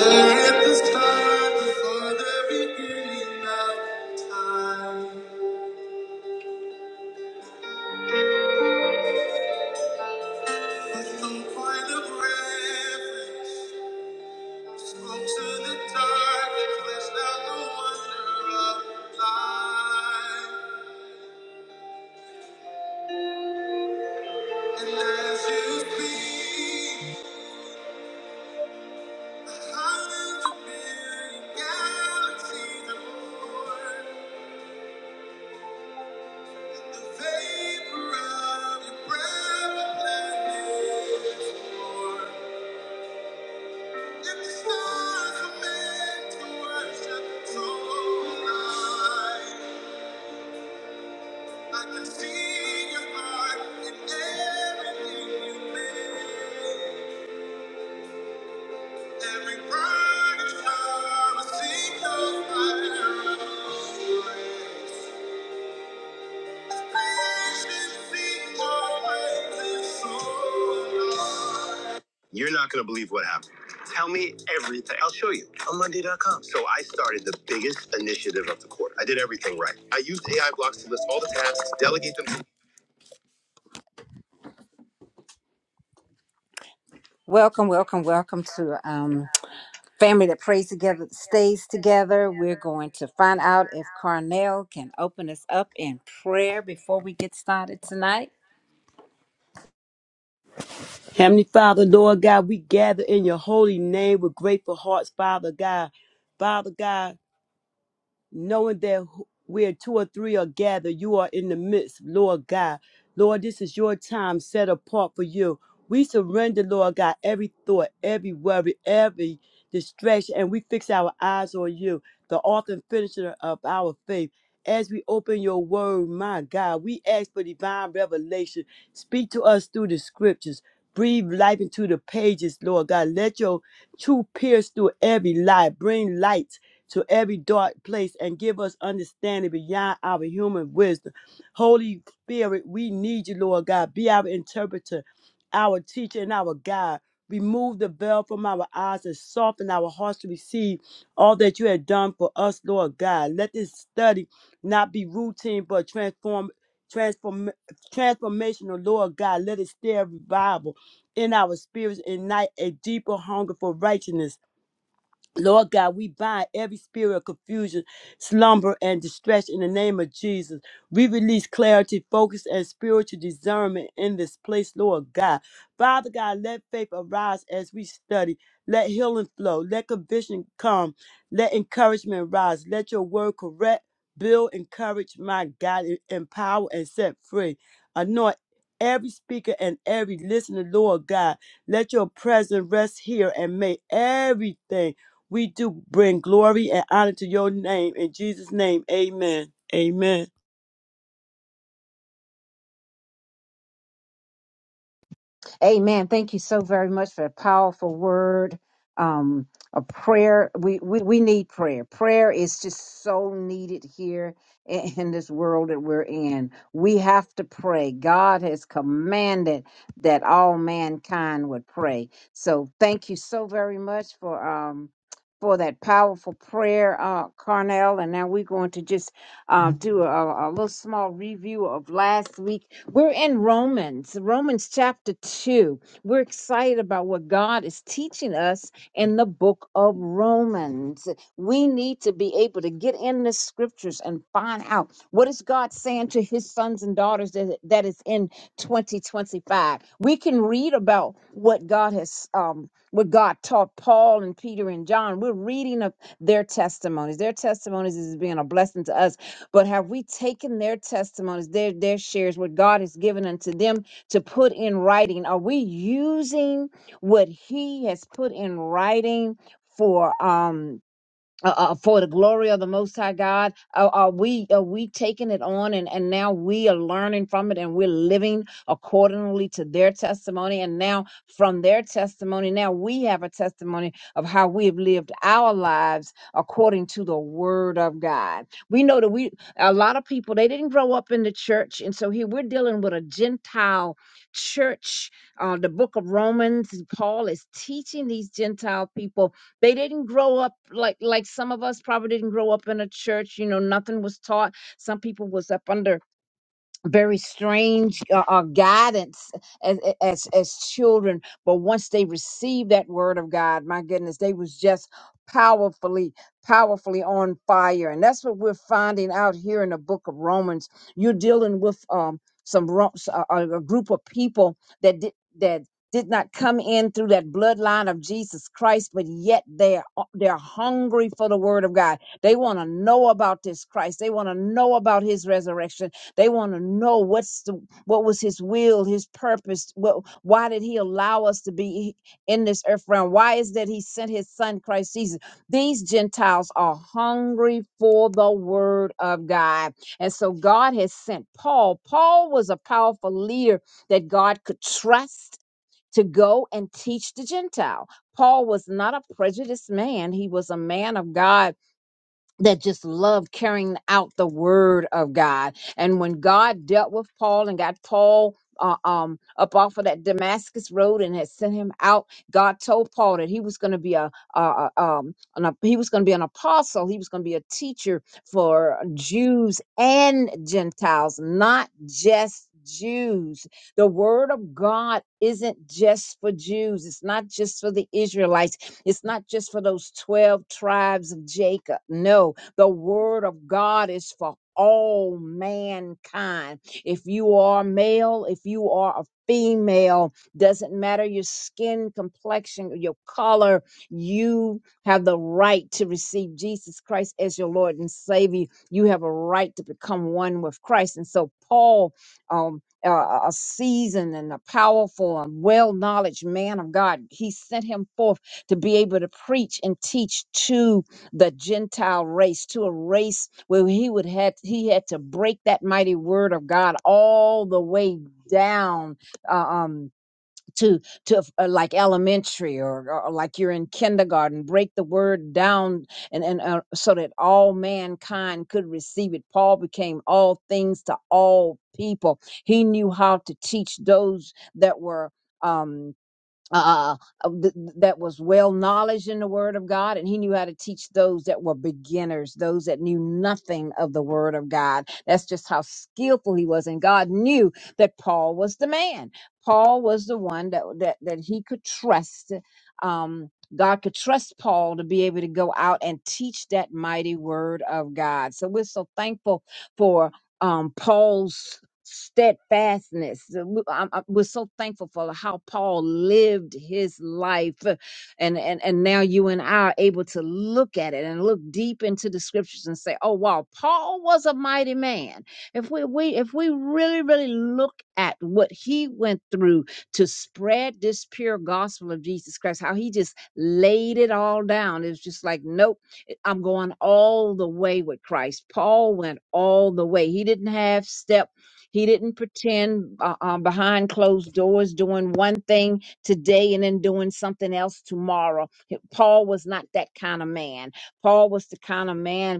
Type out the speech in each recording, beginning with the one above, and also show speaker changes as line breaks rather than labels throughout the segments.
At the start, the Father beginning of time, with some kind of reverence, spoke to the dark and fleshed out the wonder of life. And as you speak, the hundreds of million galaxies are born. The vapor of your breath, a planet is born. Thank you. You're not going to believe what happened. Tell me everything. I'll show you on Monday. dot com. So I started the biggest initiative of the quarter. I did everything right. I used AI blocks to list all the tasks, delegate them. Welcome, welcome, welcome to um, Family That Prays Together, That Stays Together. We're going to find out if Carnell can open us up in prayer before we get started tonight.
Heavenly Father, Lord God, we gather in your holy name with grateful hearts, Father God. Father God, knowing that wh- where two or three are gathered, you are in the midst, Lord God. Lord, this is your time set apart for you. We surrender, Lord God, every thought, every worry, every distraction, and we fix our eyes on you, the author and finisher of our faith. As we open your word, my God, we ask for divine revelation. Speak to us through the scriptures. Breathe life into the pages, Lord God. Let your truth pierce through every lie. Bring light to every dark place and give us understanding beyond our human wisdom. Holy Spirit, we need you, Lord God. Be our interpreter, our teacher, and our guide. Remove the veil from our eyes and soften our hearts to receive all that you have done for us, Lord God. Let this study not be routine but transform transform transformational, Lord God. Let it stir revival in our spirits, ignite a deeper hunger for righteousness Lord God, we bind every spirit of confusion, slumber, and distress in the name of Jesus. We release clarity, focus, and spiritual discernment in this place, Lord God. Father God, let faith arise as we study. Let healing flow. Let conviction come. Let encouragement rise. Let your word correct, build, encourage, my God, e- empower, and set free. Anoint every speaker and every listener, Lord God. Let your presence rest here and make everything we do bring glory and honor to your name. In Jesus' name, amen. Amen.
Amen. Thank you so very much for a powerful word. Um, a prayer. We, we we need prayer. Prayer is just so needed here in, in this world that we're in. We have to pray. God has commanded that all mankind would pray. So thank you so very much for um for that powerful prayer, uh, Carnell. And now we're going to just uh, do a, a little small review of last week. We're in Romans, Romans chapter 2. We're excited about what God is teaching us in the book of Romans. We need to be able to get in the scriptures and find out what is God saying to his sons and daughters that, that is in 2025. We can read about what God has um what God taught Paul and Peter and John. We're reading of their testimonies. Their testimonies is being a blessing to us but have we taken their testimonies, their their shares, what God has given unto them to put in writing? Are we using what He has put in writing for um uh, uh, for the glory of the Most High God? Are, are we are we taking it on, and and now we are learning from it, and we're living accordingly to their testimony, and now from their testimony, now we have a testimony of how we have lived our lives according to the Word of God. We know that we a lot of people they didn't grow up in the church, and so here we're dealing with a Gentile church. Uh, the Book of Romans, Paul is teaching these Gentile people they didn't grow up like like some of us probably didn't grow up in a church. You know, nothing was taught. Some people was up under very strange uh, uh, guidance as, as as children but once they received that word of god my goodness they was just powerfully powerfully on fire and that's what we're finding out here in the book of romans you're dealing with um some Ro- s- a, a- a group of people that did that did not come in through that bloodline of Jesus Christ, but yet they're they're hungry for the Word of God. They want to know about this Christ. They want to know about His resurrection they want to know what's the what was his will, his purpose. What why did he allow us to be in this earth realm? Why is that he sent his son Christ Jesus? These Gentiles are hungry for the word of God. And so God has sent Paul. Paul was a powerful leader that God could trust to go and teach the Gentile. Paul was not a prejudiced man. He was a man of God that just loved carrying out the word of God. And when God dealt with Paul and got Paul uh, um, up off of that Damascus road and had sent him out, God told Paul that he was going to be a, a, a um, an, ap- he was going to be an apostle. He was going to be a teacher for Jews and Gentiles, not just Jews. The word of God isn't just for Jews. It's not just for the Israelites. It's not just for those 12 tribes of Jacob. No, the word of God is for all mankind. If you are male, if you are a female, doesn't matter your skin complexion, your color, you have the right to receive Jesus Christ as your Lord and Savior. You have a right to become one with Christ. And so Paul um a, a a seasoned and a powerful and well knowledge man of God. He sent him forth to be able to preach and teach to the Gentile race, to a race where he would had he had to break that mighty word of God all the way down uh, um, to to uh, like elementary or, or like you're in kindergarten. Break the word down and and uh, so that all mankind could receive it. Paul became all things to all people. He knew how to teach those that were. Um, uh, uh, th- that was well knowledge in the Word of God, and he knew how to teach those that were beginners, those that knew nothing of the Word of God. That's just how skillful he was, and God knew that Paul was the man. Paul was the one that that that he could trust. Um, God could trust Paul to be able to go out and teach that mighty Word of God. So we're so thankful for. Um, Paul's steadfastness. So, We- I'm- I'm- We're so thankful for how Paul lived his life, uh, and and and now you and I are able to look at it and look deep into the scriptures and say, "Oh wow, Paul was a mighty man." If we we if we really really look at what he went through to spread this pure gospel of Jesus Christ, how he just laid it all down. It's just like, nope, I'm going all the way with Christ. Paul went all the way. He didn't have steps. He didn't pretend uh, um, behind closed doors doing one thing today and then doing something else tomorrow. Paul was not that kind of man. Paul was the kind of man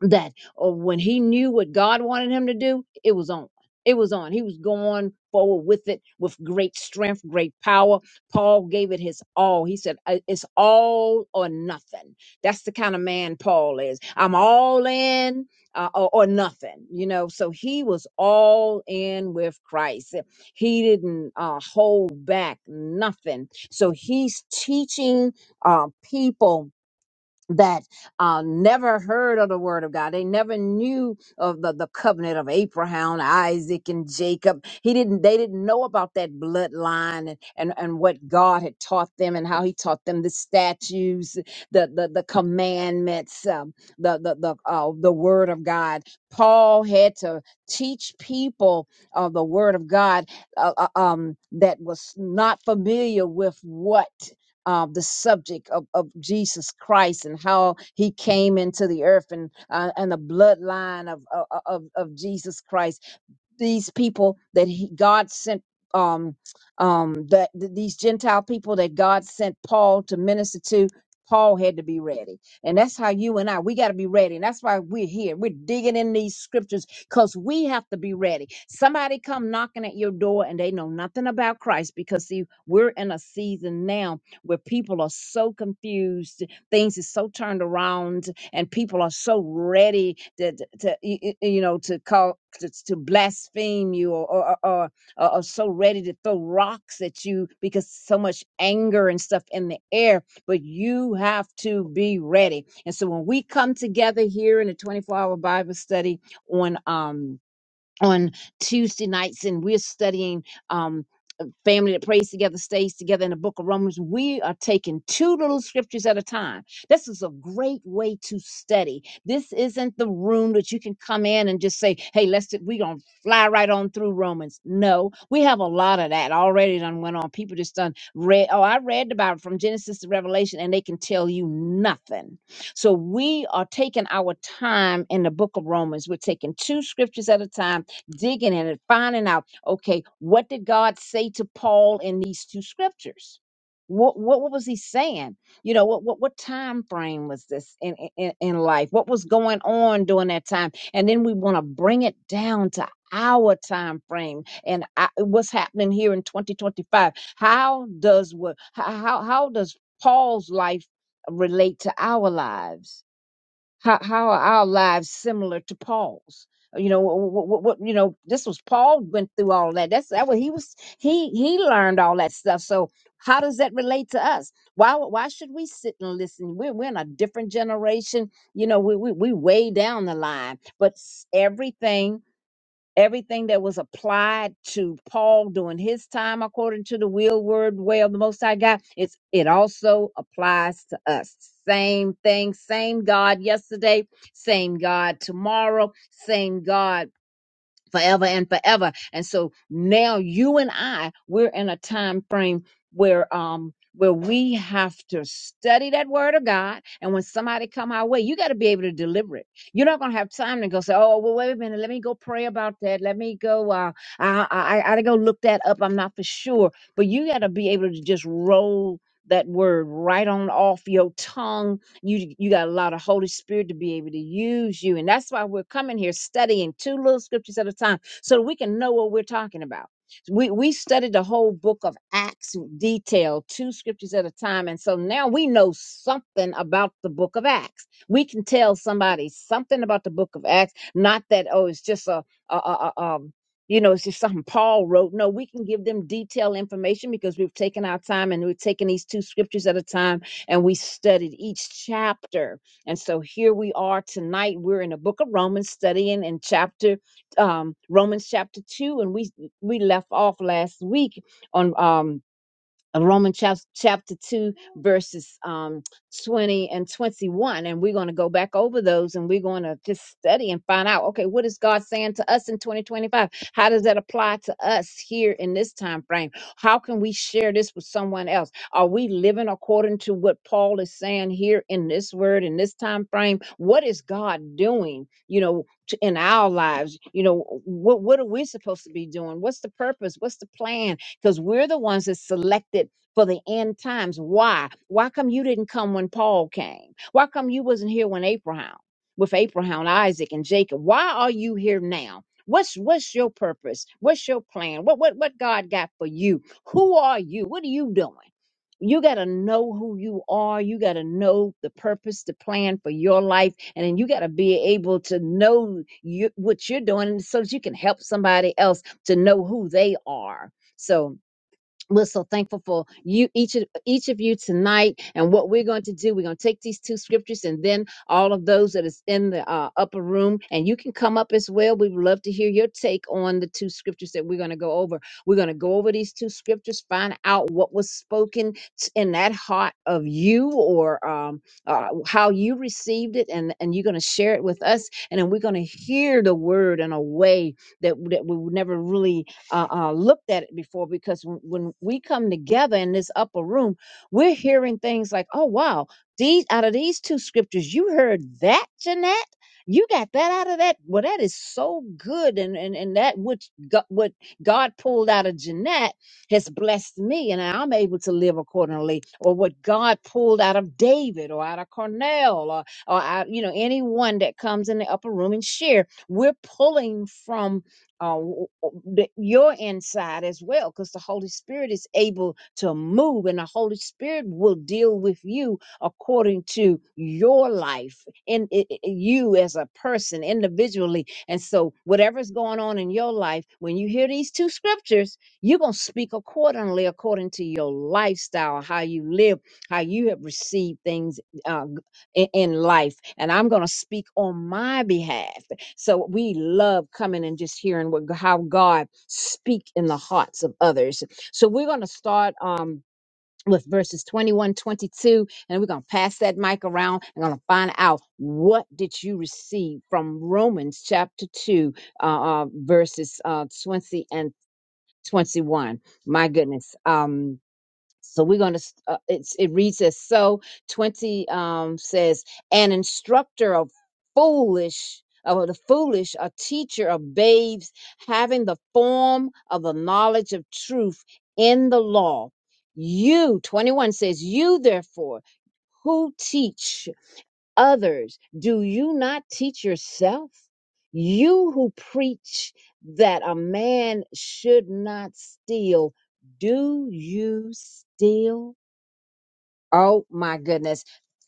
that uh, when he knew what God wanted him to do, it was on. It was on. He was going forward with it with great strength, great power. Paul gave it his all. He said, "I- It's all or nothing. That's the kind of man Paul is. I'm all in uh, or, or nothing, you know. So he was all in with Christ. He didn't uh, hold back nothing. So he's teaching uh, people that uh, never heard of the word of God. They never knew of the, the covenant of Abraham, Isaac, and Jacob. He didn't they didn't know about that bloodline and, and, and what God had taught them and how he taught them the statutes, the the, the commandments, um, the the the, uh, the word of God. Paul had to teach people of the word of God uh, uh, um, that was not familiar with what uh, the subject of, of Jesus Christ and how he came into the earth and uh, and the bloodline of, of of of Jesus Christ these people that he, God sent um um that th- these gentile people that God sent Paul to minister to Paul had to be ready. And that's how you and I we got to be ready. And that's why we're here. We're digging in these scriptures cuz we have to be ready. Somebody come knocking at your door and they know nothing about Christ because see we're in a season now where people are so confused things is so turned around and people are so ready to, to, y- y- you know to call to, to blaspheme you or or, or or or so ready to throw rocks at you because so much anger and stuff in the air but you have to be ready and so when we come together here in a 24 hour bible study on um on Tuesday nights, and we're studying um family that prays together stays together in the book of Romans. We are taking two little scriptures at a time. This is a great way to study. This isn't the room that you can come in and just say, hey, let's we're gonna fly right on through Romans. No, we have a lot of that already done went on. People just done read, oh, I read the Bible from Genesis to Revelation, and they can tell you nothing. So we are taking our time in the book of Romans. We're taking two scriptures at a time, digging in it, finding out Okay, what did God say to Paul in these two scriptures? What what, what was he saying? You know, what, what what time frame was this in, in in life? What was going on during that time? And then we want to bring it down to our time frame and I, what's happening here in 2025. How does what how how how does Paul's life relate to our lives? How how are our lives similar to Paul's? You know what, what, what you know this was Paul went through all that. That's that what he was he he learned all that stuff. So how does that relate to us? Why why should we sit and listen? We're we're in a different generation. You know we we we way down the line, but s- everything everything that was applied to Paul during his time, according to the will, word, way of the Most High God, it's it also applies to us. Same thing, same God yesterday, same God tomorrow, same God forever and forever. And so now you and I, we're in a time frame where um where we have to study that word of God. And when somebody come our way, you got to be able to deliver it. You're not gonna have time to go say, Oh, well, wait a minute, let me go pray about that. Let me go uh I I I gotta go look that up. I'm not for sure. But you gotta be able to just roll that word right on off your tongue you you got a lot of Holy Spirit to be able to use you. And that's why we're coming here studying two little scriptures at a time so that we can know what we're talking about. We we studied the whole book of Acts in detail, two scriptures at a time. And so now we know something about the book of Acts. We can tell somebody something about the book of Acts, not that, oh, it's just a, a, a, a um, you know, it's just something Paul wrote. No, we can give them detailed information because we've taken our time and we have taken these two scriptures at a time and we studied each chapter. And so here we are tonight. We're in the book of Romans studying in chapter um Romans chapter 2 and we we left off last week on um of Romans chap- chapter 2, verses um, 20 and 21. And we're going to go back over those and we're going to just study and find out okay, what is God saying to us in 2025? How does that apply to us here in this time frame? How can we share this with someone else? Are we living according to what Paul is saying here in this word, in this time frame? What is God doing, you know, to, in our lives? You know, what, what are we supposed to be doing? What's the purpose? What's the plan? because we're the ones that selected for the end times. Why? Why come you didn't come when Paul came? Why come you wasn't here when Abraham, with Abraham, Isaac, and Jacob? Why are you here now? What's what's your purpose? What's your plan? What what what God got for you? Who are you? What are you doing? You got to know who you are. You got to know the purpose, the plan for your life. And then you got to be able to know you, what you're doing so that you can help somebody else to know who they are so we're so thankful for you, each of each of you tonight, and what we're going to do. We're going to take these two scriptures, and then all of those that is in the uh, upper room, and you can come up as well. We'd love to hear your take on the two scriptures that we're going to go over. We're going to go over these two scriptures, find out what was spoken t- in that heart of you, or um, uh, how you received it, and and you're going to share it with us, and then we're going to hear the word in a way that that we would never really uh, uh, looked at it before because when, when we come together in this upper room, we're hearing things like, "Oh wow, these out of these two scriptures, you heard that, Jeanette." You got that out of that. Well, that is so good, and and, and that which God, what God pulled out of Jeanette has blessed me, and I'm able to live accordingly. Or what God pulled out of David, or out of Cornell, or or out, you know anyone that comes in the upper room and share. We're pulling from uh, w- w- the, your inside as well, because the Holy Spirit is able to move, and the Holy Spirit will deal with you according to your life in i i- you as a person individually. And so, whatever's going on in your life, when you hear these two scriptures, you're gonna speak accordingly, according to your lifestyle, how you live, how you have received things uh, g- in, in life. And I'm gonna speak on my behalf so we love coming and just hearing what how God speak in the hearts of others. So we're going to start um with verses 21, 22, and we're going to pass that mic around and going to find out what did you receive from Romans chapter 2 uh, uh verses uh 20 and 21 my goodness um so we're going to uh, it's it reads as so 20 um says an instructor of foolish of the foolish a teacher of babes having the form of the knowledge of truth in the law you 21 says you therefore who teach others. Do you not teach yourself? You who preach that a man should not steal, do you steal? Oh my goodness.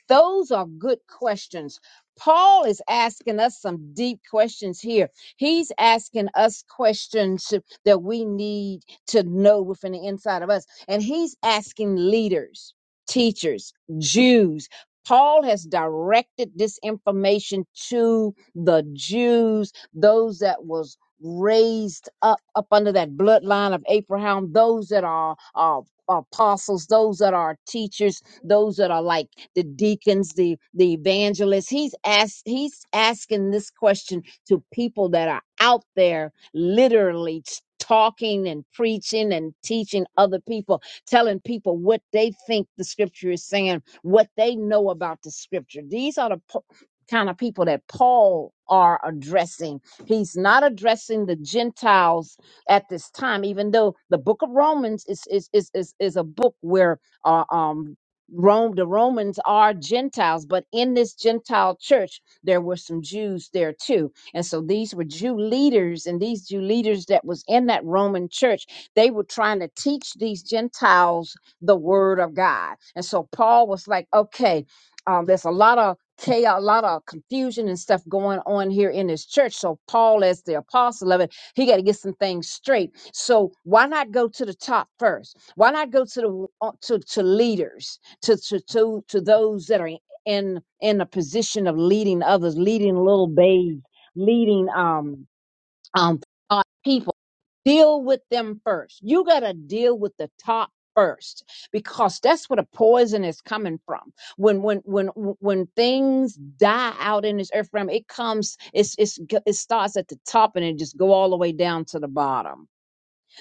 Those are good questions. Paul is asking us some deep questions here. He's asking us questions that we need to know within the inside of us. And he's asking leaders, teachers, Jews. Paul has directed this information to the Jews, those that was raised up up under that bloodline of Abraham, those that are, are apostles, those that are teachers, those that are like the deacons, the the evangelists. He's asked he's asking this question to people that are out there literally t- talking and preaching and teaching other people, telling people what they think the scripture is saying, what they know about the scripture. These are the po- kind of people that Paul are addressing. He's not addressing the Gentiles at this time, even though the book of Romans is is is is, is a book where uh, um Rome, the Romans are Gentiles, but in this Gentile church, there were some Jews there too. And so these were Jew leaders, and these Jew leaders that was in that Roman church, they were trying to teach these Gentiles the word of God. And so Paul was like, okay, um, there's a lot of chaos, a lot of confusion and stuff going on here in this church. So Paul, as the apostle of it, he got to get some things straight. So why not go to the top first? Why not go to the uh, to, to leaders? to to to, to those that are in in a position of leading others, leading little babes, leading um um uh, people. Deal with them first. You gotta deal with the top first because that's where the poison is coming from. When when when when things die out in this earth realm, it comes. It's it's it starts at the top and it just go all the way down to the bottom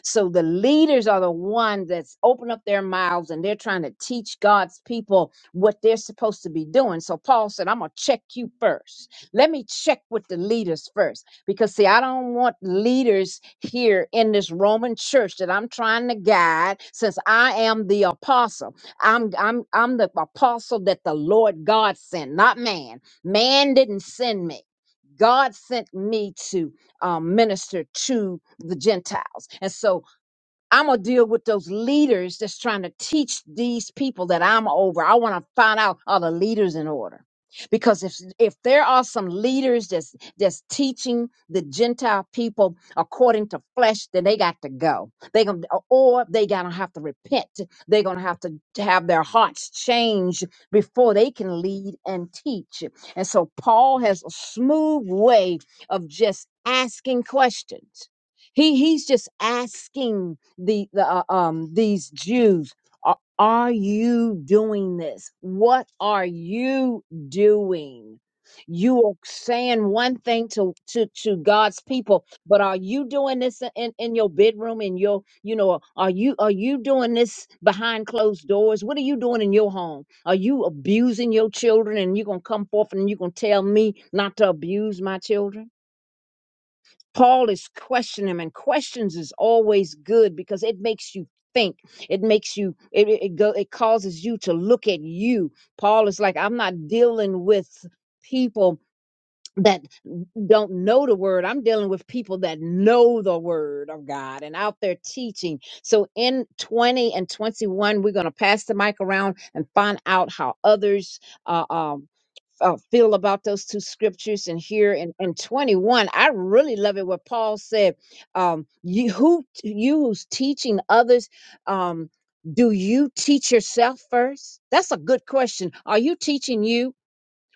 so the leaders are the ones that's open up their mouths and they're trying to teach God's people what they're supposed to be doing. So Paul said, I'm going to check you first. Let me check with the leaders first. Because, see, I don't want leaders here in this Roman church that I'm trying to guide since I am the apostle. I'm, I'm, I'm the apostle that the Lord God sent, not man. Man didn't send me. God sent me to um, minister to the Gentiles. And so I'm gonna deal with those leaders that's trying to teach these people that I'm over. I want to find out are the leaders in order, because if if there are some leaders that's that's teaching the Gentile people according to flesh, then they got to go. They gonna or they gonna have to repent. They're gonna have to have their hearts changed before they can lead and teach. And so Paul has a smooth way of just asking questions. He he's just asking the, the uh, um these Jews. Are, are you doing this? What are you doing? You are saying one thing to to to God's people, but are you doing this in in in your bedroom? In your you know, are you are you doing this behind closed doors? What are you doing in your home? Are you abusing your children? And you're gonna come forth and you're gonna tell me not to abuse my children? Paul is questioning him, and questions is always good because it makes you think. It makes you it it it go it causes you to look at you. Paul is like, I'm not dealing with people that don't know the word. I'm dealing with people that know the word of God and out there teaching. So in 20 and 21, we're going to pass the mic around and find out how others uh, um, uh, feel about those two scriptures and here in, in 21 i really love it what paul said um, you who you who's teaching others um, do you teach yourself first that's a good question are you teaching you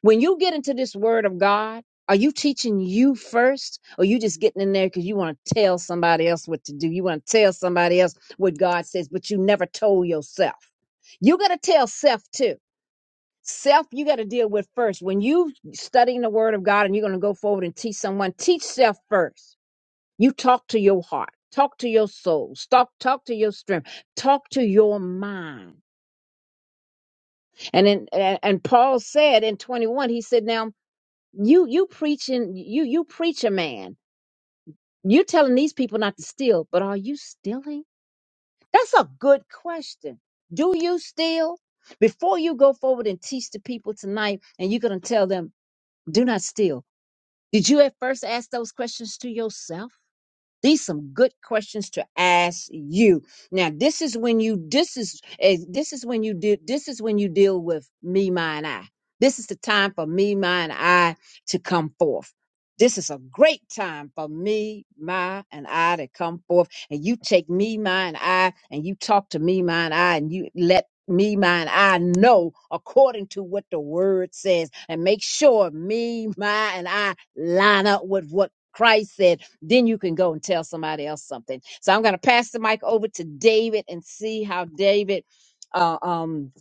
when you get into this word of god are you teaching you first or you just getting in there because you want to tell somebody else what to do you want to tell somebody else what god says but you never told yourself you got to tell self too self you got to deal with first when you studying the word of god and you're going to go forward and teach someone teach self first you talk to your heart talk to your soul talk talk to your strength talk to your mind and in, and, and paul said in 21 he said now you you preaching you you preach a man you are telling these people not to steal but are you stealing that's a good question do you steal before you go forward and teach the people tonight and you're going to tell them do not steal Did you at first ask those questions to yourself? These some good questions to ask you. Now, this is when you this is eh, this is when you do this is when you deal with me, mine, I. This is the time for me, mine, I to come forth. This is a great time for me, my, and I to come forth. And you take me, mine, I, and you talk to me, mine, I, and you let me, mine, I know according to what the word says. And make sure me, my, and I line up with what Christ said then you can go and tell somebody else something. So I'm going to pass the mic over to David and see how David uh, um,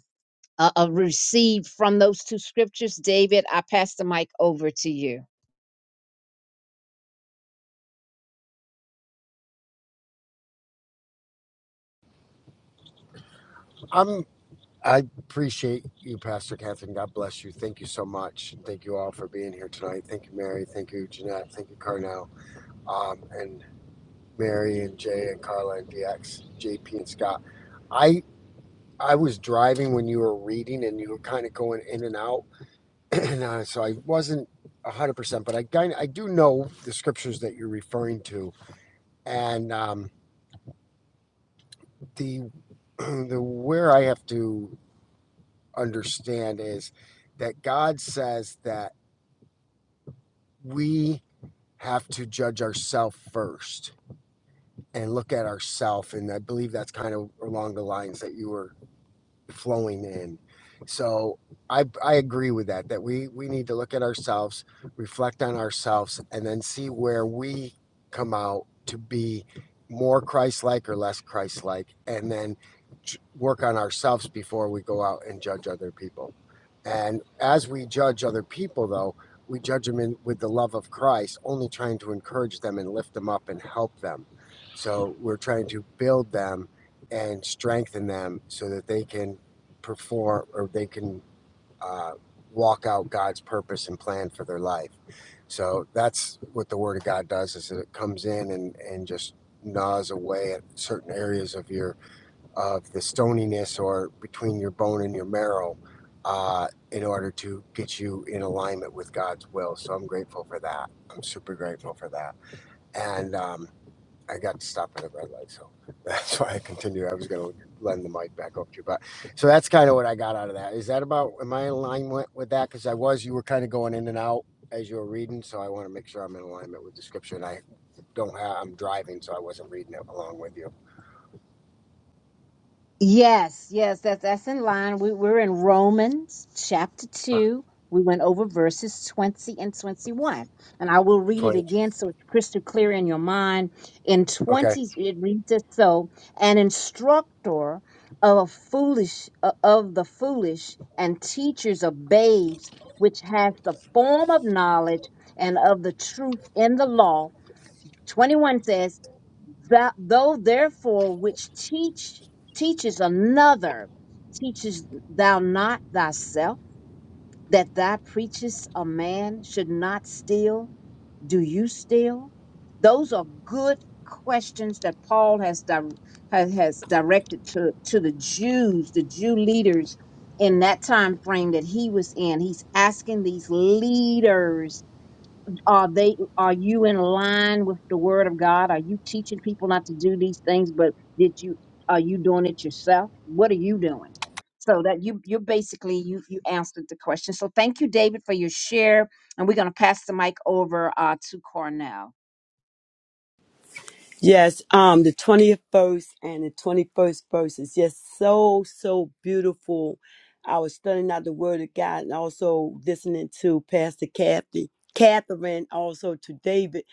uh, uh, received from those two scriptures. David, I pass the mic over to you.
I'm I appreciate you, Pastor Catherine. God bless you. Thank you so much. Thank you all for being here tonight. Thank you, Mary. Thank you, Jeanette. Thank you, Carnell. Um, and Mary and Jay and Carla and DX, JP and Scott. I I was driving when you were reading and you were kind of going in and out, and uh, so I wasn't a hundred percent, but I kind I do know the scriptures that you're referring to, and um, the the where I have to understand is that God says that we have to judge ourselves first and look at ourselves. And I believe that's kind of along the lines that you were flowing in. So I I agree with that that we we need to look at ourselves, reflect on ourselves, and then see where we come out to be more Christ-like or less Christ-like, and then work on ourselves before we go out and judge other people. And as we judge other people, though, we judge them in, with the love of Christ, only trying to encourage them and lift them up and help them. So we're trying to build them and strengthen them so that they can perform or they can uh, walk out God's purpose and plan for their life. So that's what the Word of God does: is that it comes in and and just gnaws away at certain areas of your of the stoniness or between your bone and your marrow uh, in order to get you in alignment with God's will. So I'm grateful for that. I'm super grateful for that. And um, I got to stop at a red light, so that's why I continued. I was going to lend the mic back over to you, but so that's kind of what I got out of that. Is that about? Am I in alignment with that? Because I was, you were kind of going in and out as you were reading, so I want to make sure I'm in alignment with the scripture. And I don't have, I'm driving, so I wasn't reading it along with you.
Yes, yes, that's that's in line. We, we're in Romans chapter 2. We went over verses 20 and 21. And I will read it
Twenty.
again so it's crystal clear in your mind. In
Okay.
20, it reads as so An instructor of foolish uh, of the foolish and teachers of babes, which has the form of knowledge and of the truth in the law 21 says, "Thou- Though therefore which teach teaches another, teaches thou not thyself that thou preachest a man should not steal, do you steal? Those are good questions that Paul has di- has, has directed to, to the Jews, the Jew leaders in that time frame that he was in. He's asking these leaders are they are you in line with the word of god are you teaching people not to do these things but did you are you doing it yourself what are you doing so that you you basically you you answered the question so thank you david for your share and we're going to pass the mic over uh, to cornell
Yes, um, the twentieth verse and the 21st verse is just so, so beautiful. I was studying out the Word of God and also listening to Pastor Kathy, Catherine, also to David,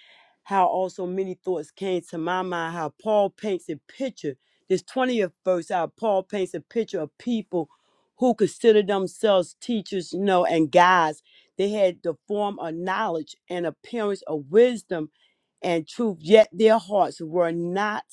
how also many thoughts came to my mind, how Paul paints a picture. This 20th verse, how Paul paints a picture of people who consider themselves teachers, you know, and guys. They had the form of knowledge and appearance of wisdom and truth, yet their hearts were not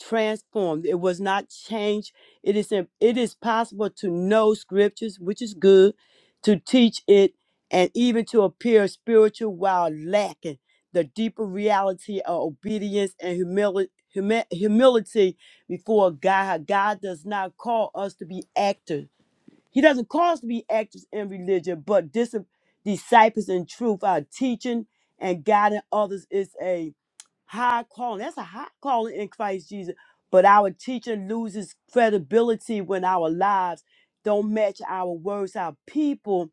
transformed. It was not changed. It is it is possible to know scriptures, which is good, to teach it, and even to appear spiritual while lacking the deeper reality of obedience and humility. Humility before God. God does not call us to be actors. He doesn't call us to be actors in religion, but dis- disciples in truth. Our teaching and guiding others is a high calling. That's a high calling in Christ Jesus. But our teaching loses credibility when our lives don't match our words. Our people,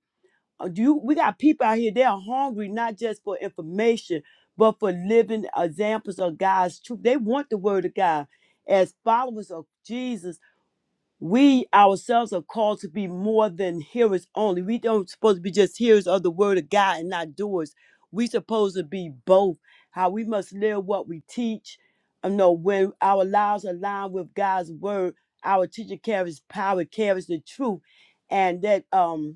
uh, you, we got people out here. They are hungry not just for information, but for living examples of God's truth. They want the Word of God as followers of Jesus. We ourselves are called to be more than hearers only. We don't supposed to be just hearers of the word of God and not doers. We supposed to be both. How we must live what we teach. You know, when our lives align with God's word, our teacher carries power, carries the truth, and that um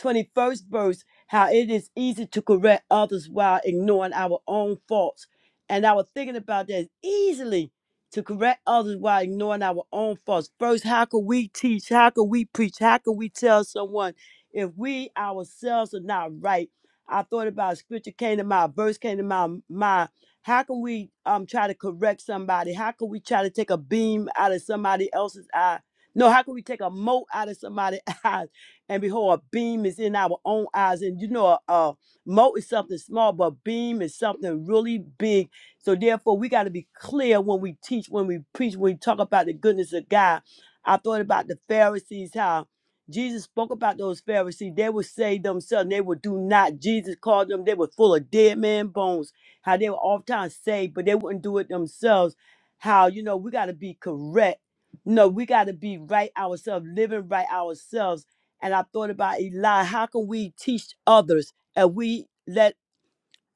21st verse how it is easy to correct others while ignoring our own faults. And I was thinking about that easily to correct others while ignoring our own faults. First, how can we teach? How can we preach? How can we tell someone if we ourselves are not right? I thought about a scripture came to my verse came to my mind. How can we um try to correct somebody? How can we try to take a beam out of somebody else's eye? No, how can we take a mote out of somebody's eye? And behold, a beam is in our own eyes. And you know, a, a mote is something small, but a beam is something really big. So therefore, we got to be clear when we teach, when we preach, when we talk about the goodness of God. I thought about the Pharisees, how Jesus spoke about those Pharisees. They would say themselves, they would do not. Jesus called them, they were full of dead man bones, how they were oftentimes saved, but they wouldn't do it themselves. How, you know, we got to be correct. No, we got to be right ourselves, living right ourselves and I thought about Eli. How can we teach others and we let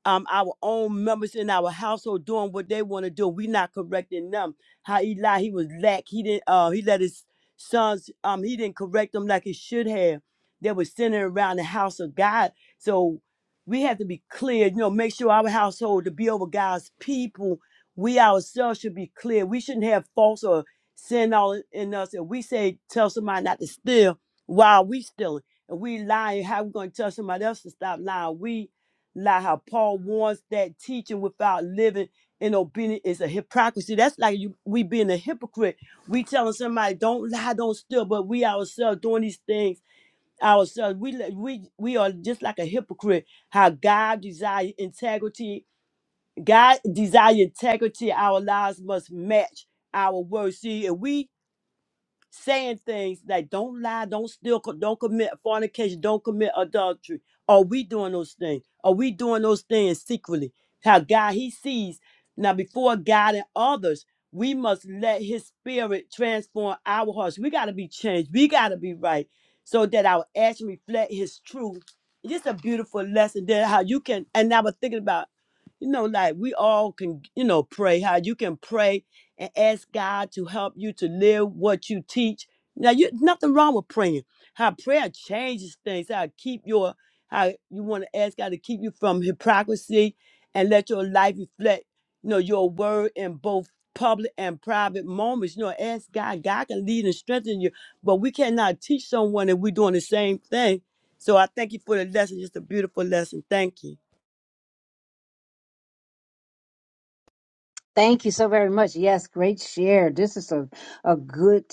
um, our own members in our household doing what they want to do. We're not correcting them. How Eli he was lack. He didn't uh he let his sons um he didn't correct them like he should have. They were sitting around the house of God. So we have to be clear, you know, make sure our household to be over God's people. We ourselves should be clear. We shouldn't have false or sin all in us. If we say tell somebody not to steal, why are we stealing? And we lying, how we gonna tell somebody else to stop lying? We lie how Paul warns that teaching without living in obedience is a hypocrisy. That's like you we being a hypocrite. We telling somebody don't lie, don't steal, but we ourselves doing these things ourselves. We let- we we are just like a hypocrite. How God desire integrity, God desire integrity. Our lives must match our words. See, if we saying things like don't lie, don't steal, co- don't commit fornication, don't commit adultery. Are we doing those things? Are we doing those things secretly? How God He sees now before God and others, we must let His Spirit transform our hearts. We got to be changed. We got to be right, so that our actions reflect His truth. It's just a beautiful lesson there how you can. And I was thinking about, you know, like we all can, you know, pray. How you can pray and ask God to help you to live what you teach. Now, you nothing wrong with praying. How prayer changes things. How it keep your how you want to ask God to keep you from hypocrisy and let your life reflect, you know, your word in both public and private moments. You know, ask God. God can lead and strengthen you, but we cannot teach someone and we're doing the same thing. So I thank you for the lesson. Just a beautiful lesson. Thank you.
Thank you so very much. Yes, great share. This is a, a good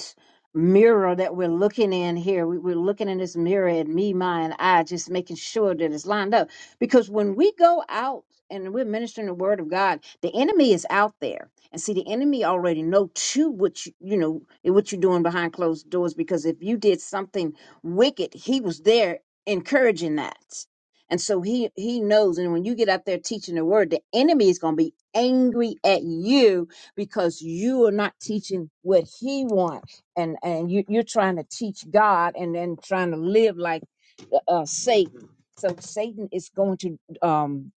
mirror that we're looking in here. We, we're looking in this mirror at me, my, and I, just making sure that it's lined up. Because when we go out and we're ministering the word of God, the enemy is out there. And see, the enemy already know too what you, you know what you're doing behind closed doors. Because if you did something wicked, he was there encouraging that. And so he he knows. And when you get out there teaching the word, the enemy is going to be angry at you because you are not teaching what he wants, and and you, you're trying to teach God and then trying to live like uh, uh, Satan. So Satan is going to um,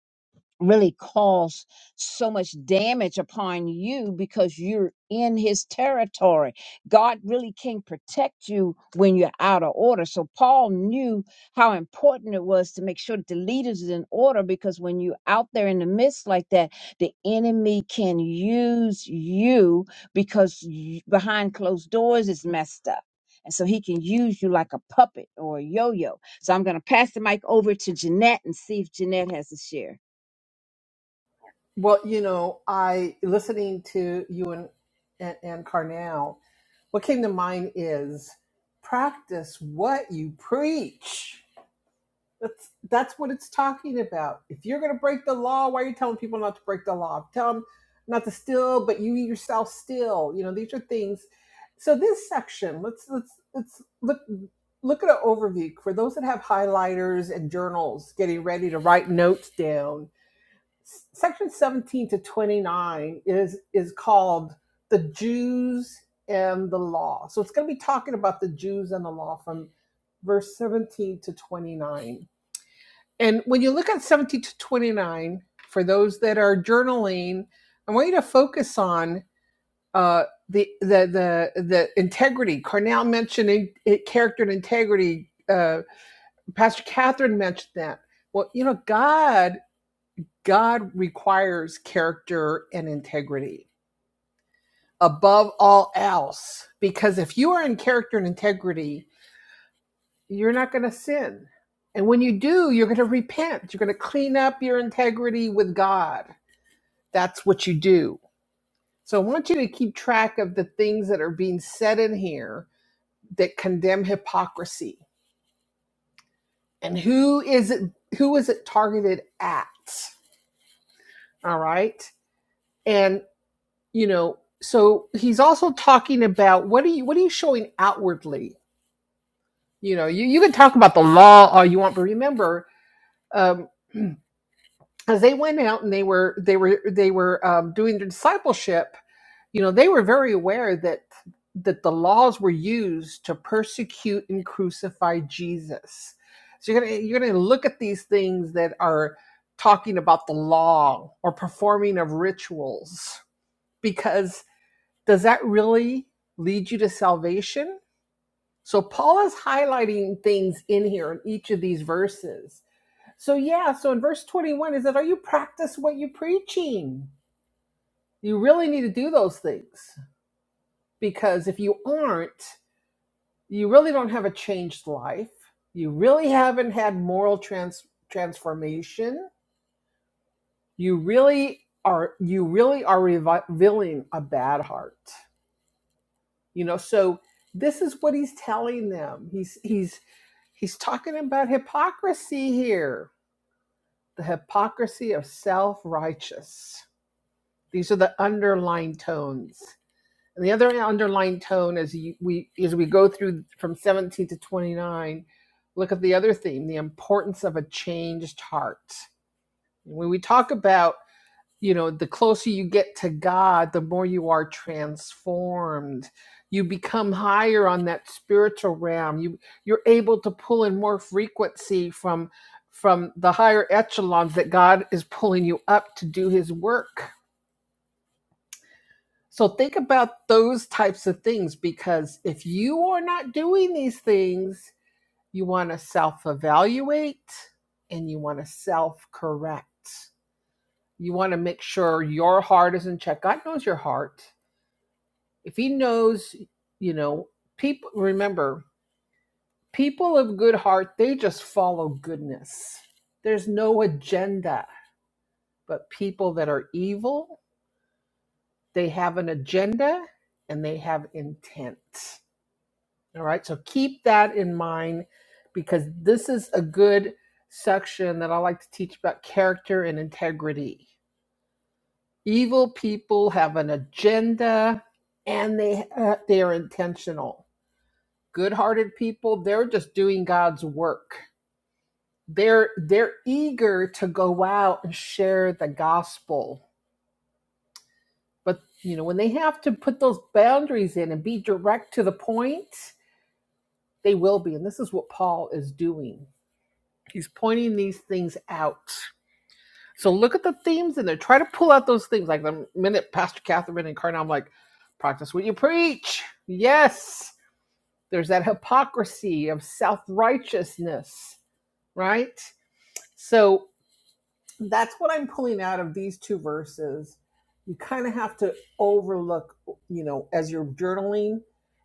really cause so much damage upon you because you're in his territory. God really can protect you when you're out of order. So Paul knew how important it was to make sure that the leaders is in order because when you're out there in the midst like that, the enemy can use you because you, behind closed doors is messed up. And so he can use you like a puppet or a yo-yo. So I'm going to pass the mic over to Jeanette and see if Jeanette has a share.
Well, you know, I listening to you and and, and Carnell. What came to mind is practice what you preach. That's that's what it's talking about. If you're going to break the law, why are you telling people not to break the law? Tell them not to steal, but you yourself steal. You know, these are things. So this section, let's let's let's look look at an overview for those that have highlighters and journals, getting ready to write notes down Section 17 to 29 is is called the Jews and the law. So it's going to be talking about the Jews and the law from verse 17 to 29. And when you look at 17 to 29, for those that are journaling, I want you to focus on uh, the, the the the integrity. Carnell mentioned in, it, character and integrity. Uh, Pastor Catherine mentioned that. Well, you know, God God requires character and integrity above all else. Because if you are in character and integrity, you're not going to sin. And when you do, you're going to repent. You're going to clean up your integrity with God. That's what you do. So I want you to keep track of the things that are being said in here that condemn hypocrisy. And who is it who is it targeted at? All right? and. you know so he's also talking about what are you what are you showing outwardly you know you, you can talk about the law all you want but remember um as they went out and they were they were they were um, doing the discipleship you know they were very aware that that the laws were used to persecute and crucify jesus so you're gonna you're gonna look at these things that are talking about the law or performing of rituals because does that really lead you to salvation? So Paul is highlighting things in here in each of these verses. So yeah, so in verse 21 is that are you practice what you're preaching? You really need to do those things because if you aren't, you really don't have a changed life. You really haven't had moral trans- transformation. You really are you really are revealing a bad heart. you know so this is what he's telling them he's he's he's talking about hypocrisy here the hypocrisy of self-righteous these are the underlying tones and the other underlying tone as you, we as we go through from 17 to 29 look at the other theme the importance of a changed heart when we talk about you know the closer you get to god the more you are transformed you become higher on that spiritual realm you you're able to pull in more frequency from from the higher echelons that god is pulling you up to do his work so think about those types of things because if you are not doing these things you want to self evaluate and you want to self correct you want to make sure your heart is in check god knows your heart if he knows, you know, people remember, people of good heart, they just follow goodness. There's no agenda, but people that are evil, they have an agenda and they have intent. All right? So keep that in mind because this is a good section that I like to teach about character and integrity. Evil people have an agenda and they uh, they are intentional good-hearted people they're just doing god's work they're they're eager to go out and share the gospel but you know when they have to put those boundaries in and be direct to the point they will be and this is what paul is doing he's pointing these things out so look at the themes in there try to pull out those things like the minute pastor catherine and carnal i'm like practice what you preach yes there's that hypocrisy of self-righteousness right? So that's what I'm pulling out of these two verses. You kind of have to overlook, you know, as you're journaling,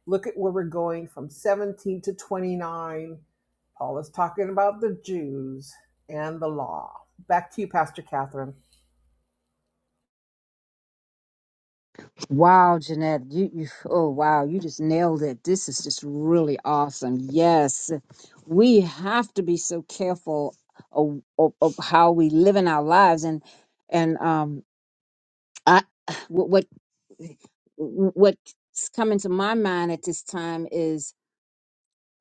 look at where we're going from 17 to 29. Paul is talking about the Jews and the law. Back to you, Pastor Catherine.
Wow, Jeanette, you, you oh wow, you just nailed it. This is just really awesome. Yes, we have to be so careful of, of, of how we live in our lives, and and um, I what what what's coming to my mind at this time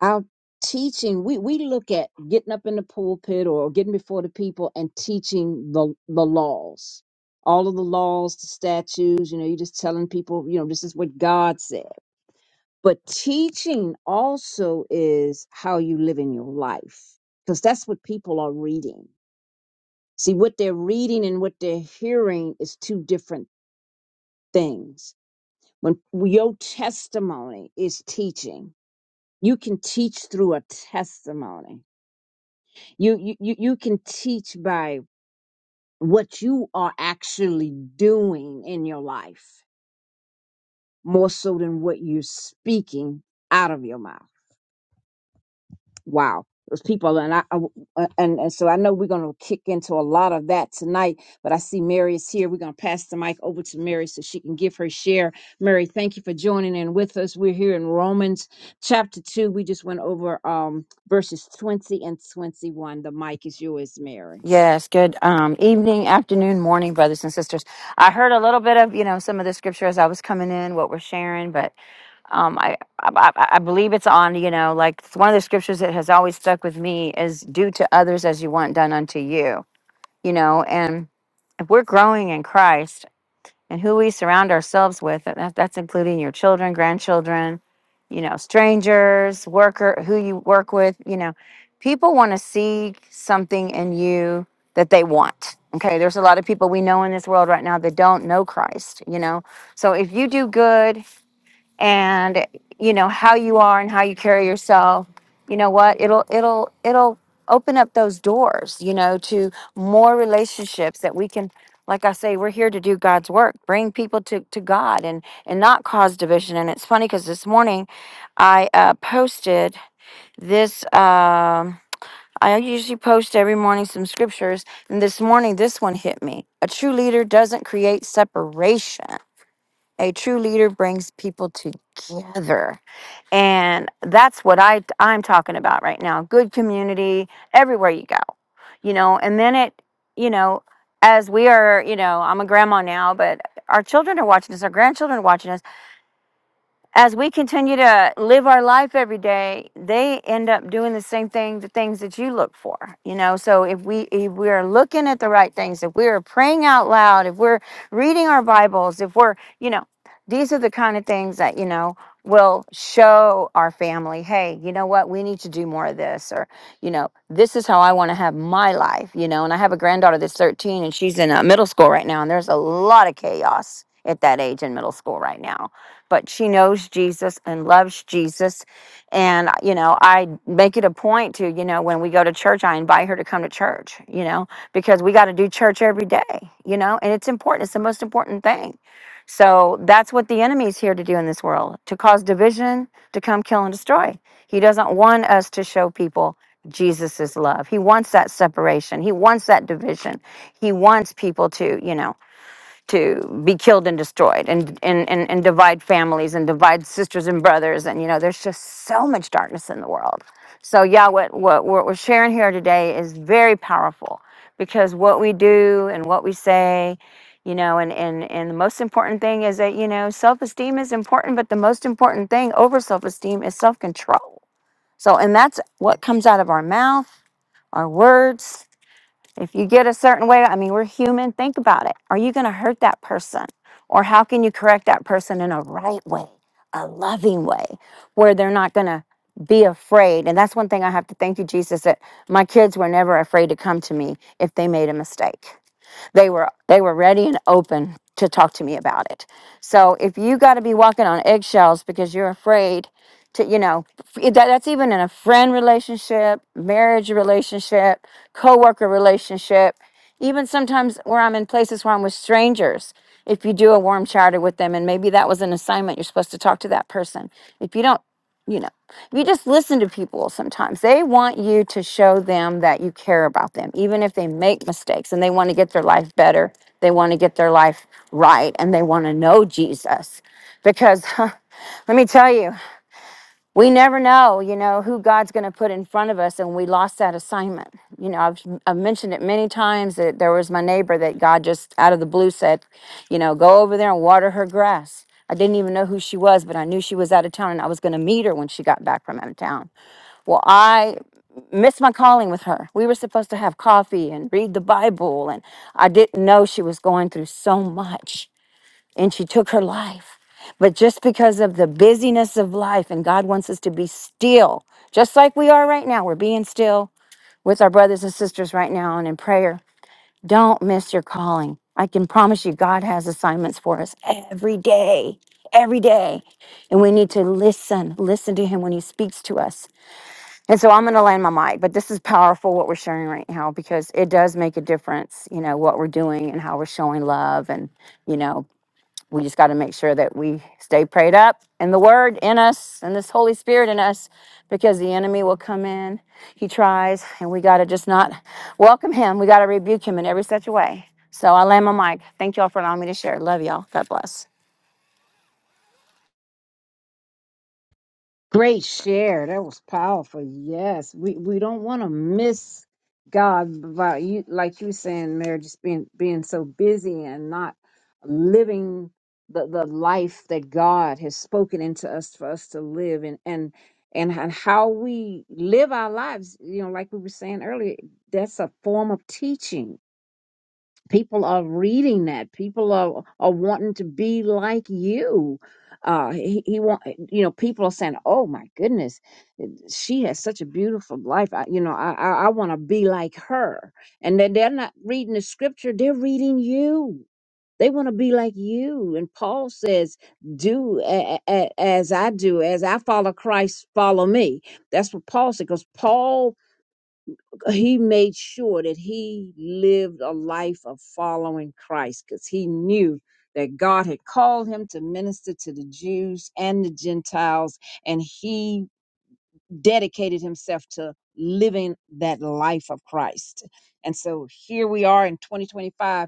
our teaching we we look at getting up in the pulpit or getting before the people and teaching the the laws all of the laws the statutes you know you're just telling people you know this is what god said but teaching also is how you live in your life because that's what people are reading see what they're reading and what they're hearing is two different things when your testimony is teaching you can teach through a testimony you you you you can teach by what you are actually doing in your life more so than what you're speaking out of your mouth wow those people and i I- and, and so i know we're going to kick into a lot of that tonight but i see mary is here we're going to pass the mic over to mary so she can give her share mary thank you for joining in with us we're here in romans chapter 2 we just went over um verses 20 and 21 the mic is yours mary
Yes, good um, evening, afternoon, morning, brothers and sisters. I heard a little bit of you know some of the scripture as I was coming in, what we're sharing, but um, I, I I I believe it's on you know like it's one of the scriptures that has always stuck with me is "Do to others as you want done unto you," you know, and if we're growing in Christ and who we surround ourselves with and that, that's including your children grandchildren you know strangers worker who you work with you know people want to see something in you that they want okay there's a lot of people we know in this world right now that don't know christ you know so if you do good and you know how you are and how you carry yourself you know what it'll it'll it'll open up those doors you know to more relationships that we can like i say we're here to do god's work bring people to, to god and and not cause division and it's funny because this morning i uh, posted this um i usually post every morning some scriptures and this morning this one hit me a true leader doesn't create separation a true leader brings people together and that's what I I'm talking about right now. Good community everywhere you go. You know, and then it, you know, as we are, you know, I'm a grandma now, but our children are watching us, our grandchildren are watching us as we continue to live our life every day, they end up doing the same thing, the things that you look for, you know. So if we if we are looking at the right things, if we are praying out loud, if we're reading our Bibles, if we're, you know, these are the kind of things that, you know, will show our family, hey, you know what, we need to do more of this, or, you know, this is how I want to have my life, you know. And I have a granddaughter that's 13 and she's in uh, middle school right now, and there's a lot of chaos at that age in middle school right now but she knows Jesus and loves Jesus. And, you know, I make it a point to, you know, when we go to church, I invite her to come to church, you know, because we got to do church every day, you know, and it's important. It's the most important thing. So that's what the enemy is here to do in this world to cause division, to come kill and destroy. He doesn't want us to show people Jesus's love. He wants that separation, he wants that division, he wants people to, you know to be killed and destroyed and, and, and, and divide families and divide sisters and brothers. And, you know, there's just so much darkness in the world. So, yeah, what, what, what we're sharing here today is very powerful because what we do and what we say, you know, and, and, and the most important thing is that, you know, self esteem is important, but the most important thing over self esteem is self control. So, and that's what comes out of our mouth, our words. If you get a certain way, I mean, we're human. Think about it. Are you going to hurt that person? Or how can you correct that person in a right way, a loving way, where they're not going to be afraid? And that's one thing I have to thank you, Jesus, that my kids were never afraid to come to me if they made a mistake. They were they were ready and open to talk to me about it. So if you got to be walking on eggshells because you're afraid to, you know, f- that, that's even in a friend relationship, marriage relationship, coworker relationship, even sometimes where I'm in places where I'm with strangers. If you do a warm charter with them, and maybe that was an assignment, you're supposed to talk to that person. If you don't you know, if you just listen to people sometimes, they want you to show them that you care about them, even if they make mistakes and they want to get their life better, they want to get their life right, and they want to know Jesus. Because let me tell you, we never know, you know, who God's going to put in front of us. And we lost that assignment. You know, I've, I've mentioned it many times that there was my neighbor that God just out of the blue said, you know, go over there and water her grass. I didn't even know who she was, but I knew she was out of town and I was going to meet her when she got back from out of town. Well, I missed my calling with her. We were supposed to have coffee and read the Bible. And I didn't know she was going through so much and she took her life. But just because of the busyness of life, and God wants us to be still, just like we are right now, we're being still with our brothers and sisters right now and in prayer. Don't miss your calling. I can promise you, God has assignments for us every day, every day. And we need to listen, listen to Him when He speaks to us. And so I'm going to land my mic, but this is powerful what we're sharing right now because it does make a difference, you know, what we're doing and how we're showing love and, you know, we just got to make sure that we stay prayed up in the word in us and this holy spirit in us because the enemy will come in he tries and we got to just not welcome him we got to rebuke him in every such a way so i land my mic thank y'all for allowing me to share love y'all god bless
Great share. That was powerful. Yes. We we don't want to miss God by you like you were saying, Mary, just being being so busy and not living the, the life that God has spoken into us for us to live and and and and how we live our lives, you know, like we were saying earlier, that's a form of teaching people are reading that people are are wanting to be like you uh he, he want you know people are saying oh my goodness she has such a beautiful life I, you know i i, I want to be like her and then they're not reading the scripture they're reading you they want to be like you and paul says do a- a- a- as i do as i follow christ follow me that's what paul said because paul uh, he made sure that he lived a life of following Christ because he knew that God had called him to minister to the Jews and the Gentiles, and he dedicated himself to living that life of Christ. And so here we are in 2025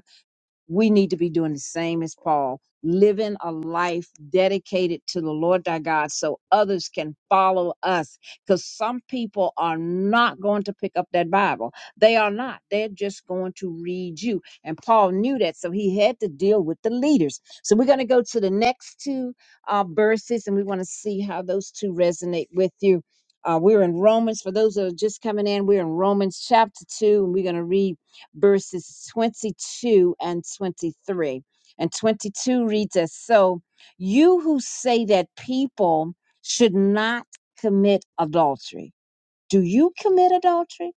we need to be doing the same as Paul, living a life dedicated to the Lord thy God so others can follow us. Because some people are not going to pick up that Bible. They are not. They're just going to read you. And Paul knew that. So he had to deal with the leaders. So we're going to go to the next two uh, verses and we want to see how those two resonate with you. Uh, we're in Romans. For those that are just coming in, we're in Romans chapter 2, and we're going to read verses 22 and 23. And 22 reads as So you who say that people should not commit adultery, do you commit adultery?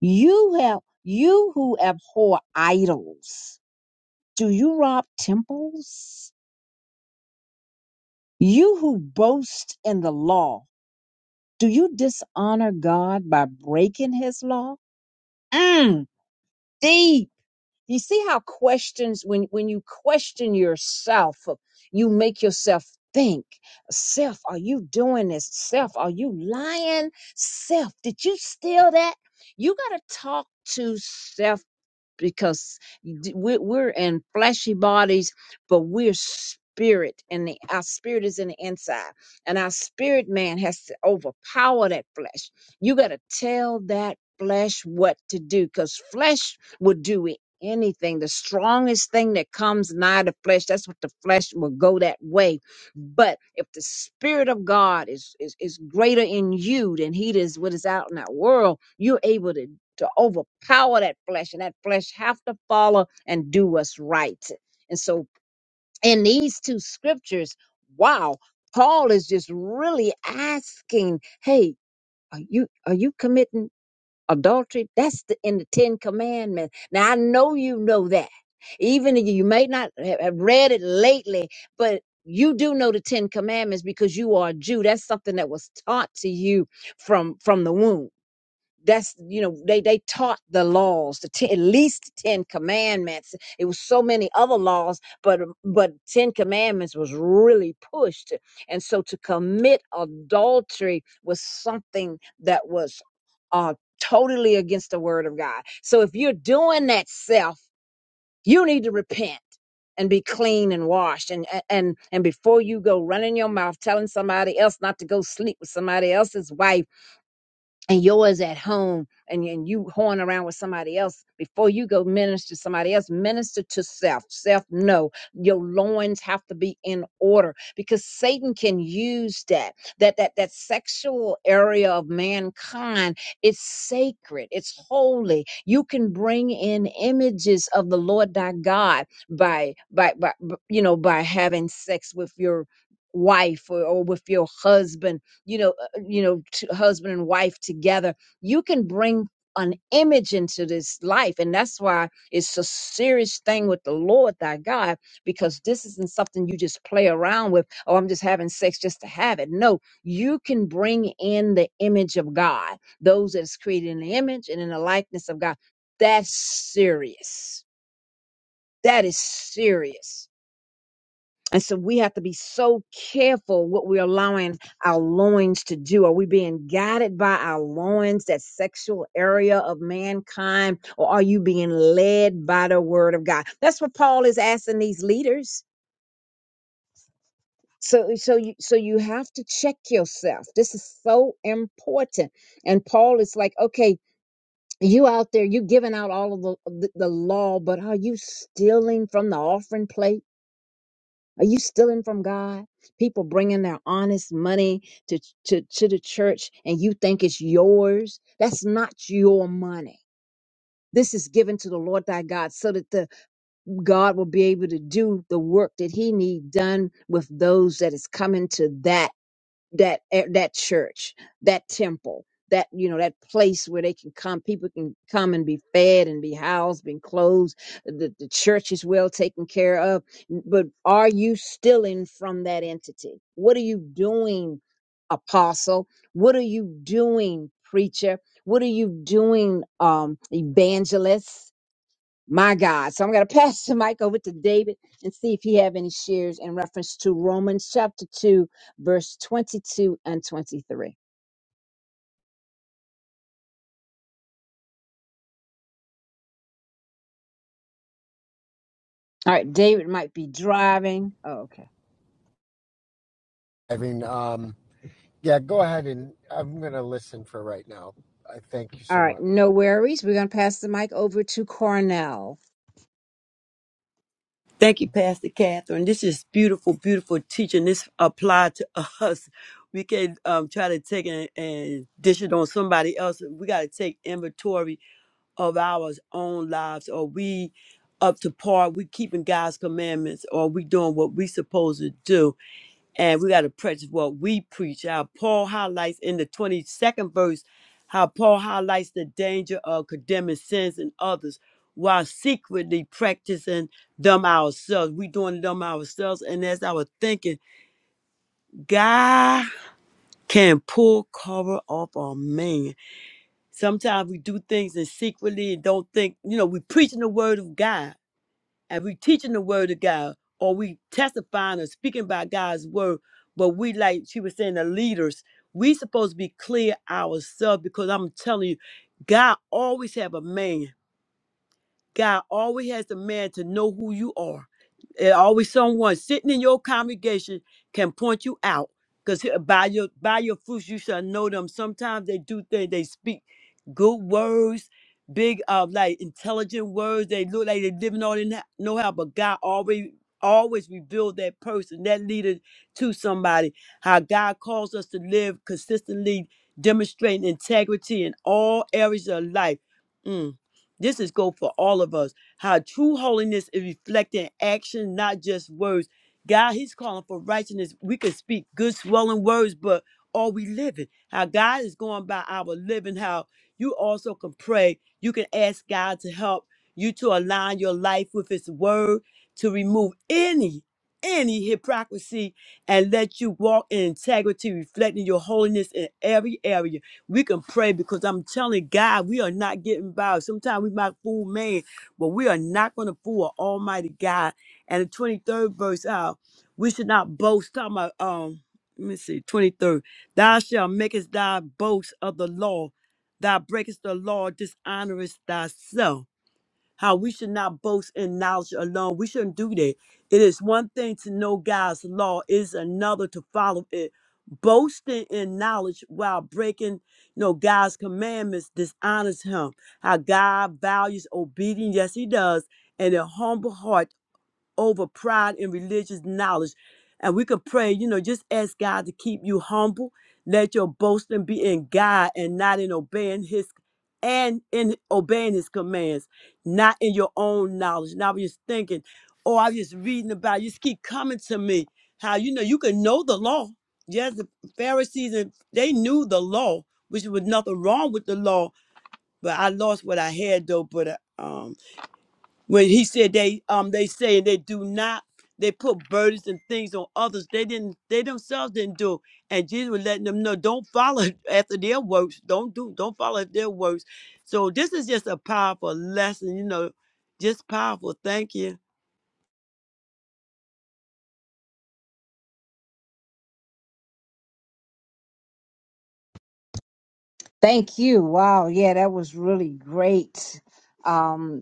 You have you who abhor idols, do you rob temples? You who boast in the law, do you dishonor God by breaking his law? Mm, these You see how questions when when you question yourself, you make yourself think. Self, are you doing this? Self, are you lying? Self, did you steal that? You got to talk to self because d- we- we're in fleshy bodies, but we're spirit, and the, our spirit is in the inside, and our spirit man has to overpower that flesh. You got to tell that flesh what to do, because flesh will do it. Anything, the strongest thing that comes nigh the flesh, that's what the flesh will go that way but if the spirit of God is, is is greater in you than he is what is out in that world, you're able to to overpower that flesh, and that flesh have to follow and do what's right. And so in these two scriptures, wow, Paul is just really asking, hey, are you are you committing adultery that's the, in the ten commandments now i know you know that even if you may not ha- have read it lately but you do know the ten commandments because you are a jew that's something that was taught to you from from the womb that's you know they they taught the laws the ten, at least 10 commandments it was so many other laws but but 10 commandments was really pushed and so to commit adultery was something that was uh totally against the word of god so if you're doing that self you need to repent and be clean and washed and and and before you go running your mouth telling somebody else not to go sleep with somebody else's wife and yours at home and, and you horn around with somebody else before you go minister to somebody else minister to self self no your loins have to be in order because satan can use that that that that sexual area of mankind it's sacred it's holy you can bring in images of the lord thy god by by, by b- you know by having sex with your wife or, or with your husband you know you know t- husband and wife together you can bring an image into this life and that's why it's a serious thing with the lord thy god because this isn't something you just play around with oh i'm just having sex just to have it no you can bring in the image of god those that's created in the image and in the likeness of god that's serious that is serious and so we have to be so careful what we're allowing our loins to do. Are we being guided by our loins, that sexual area of mankind, or are you being led by the word of God? That's what Paul is asking these leaders. So so you so you have to check yourself. This is so important. And Paul is like, okay, you out there, you giving out all of the, the, the law, but are you stealing from the offering plate? Are you stealing from God? People bringing their honest money to, to, to the church and you think it's yours. That's not your money. This is given to the Lord thy God so that the God will be able to do the work that he need done with those that is coming to that that eh, that church, that temple, that you know that place where they can come, people can come and be fed and be housed, and clothed. The the church is well taken care of, but are you stealing from that entity? What are you doing, apostle? What are you doing, preacher? What are you doing, um, evangelist? My God. So I'm going to pass the mic over to David and see if he have any shares in reference to Romans chapter 2, verse 22 and 23. All right. David might be driving. Oh, okay.
I mean, um, yeah. Go ahead and I'm going to listen for right now. I thank you
All
so
right.
much.
No worries. We're going to pass the mic over to Cornell.
Thank you, Pastor Catherine. This is beautiful, beautiful teaching. This apply to us. We can um, try to take it and dish it on somebody else. We got to take inventory of our own lives. Are we up to par? We keeping God's commandments? Or we doing what we supposed to do? and we got to practice what we preach. How Paul highlights in the 22nd verse how Paul highlights the danger of condemning sins in others while secretly practicing them ourselves. We doing them ourselves, and as I was thinking, God can pull cover off our man. Sometimes we do things and secretly and don't think, you know, we preaching the word of God and we teaching the word of God, or we testifying or speaking by God's word, but we like she was saying the leaders, we supposed to be clear ourselves because I'm telling you, God always have a man. God always has a man to know who you are. And always someone sitting in your congregation can point you out. Because by your by your fruits you shall know them. Sometimes they do things, they speak good words, big uh like intelligent words. They look like they're living all in that know how, but God always always revealed that person, that leader to somebody. How God calls us to live consistently, demonstrating integrity in all areas of life. Mm. This is go for all of us. How true holiness is reflected in action, not just words. God, He's calling for righteousness. We can speak good, swelling words, but are we living? How God is going by our living. How you also can pray. You can ask God to help you to align your life with His Word to remove any any hypocrisy and let you walk in integrity, reflecting your holiness in every area we can pray because I'm telling God, we are not getting by. Sometimes we might fool man, but we are not going to fool a Almighty God. And the 23rd verse out, we should not boast. Talking about, um, let me see, 23rd. Thou shalt makest thy boast of the law. Thou breakest the law, dishonorest thyself how we should not boast in knowledge alone. We shouldn't do that. It is one thing to know God's law, it is another to follow it. Boasting in knowledge while breaking you know, God's commandments dishonors him. How God values obedience, yes, he does, and a humble heart over pride and religious knowledge. And we could pray, you know, just ask God to keep you humble. Let your boasting be in God and not in obeying his and in obeying his commands, not in your own knowledge. Now I'm just thinking, oh, I'm just reading about it. just keep coming to me. How you know you can know the law. Yes, the Pharisees and they knew the law, which was nothing wrong with the law, but I lost what I had though. But uh, um when he said they um they say they do not they put burdens and things on others they didn't they themselves didn't do and jesus was letting them know don't follow after their works don't do don't follow their works so this is just a powerful lesson you know just powerful thank you
Thank you. Wow. Yeah, that was really great. Um,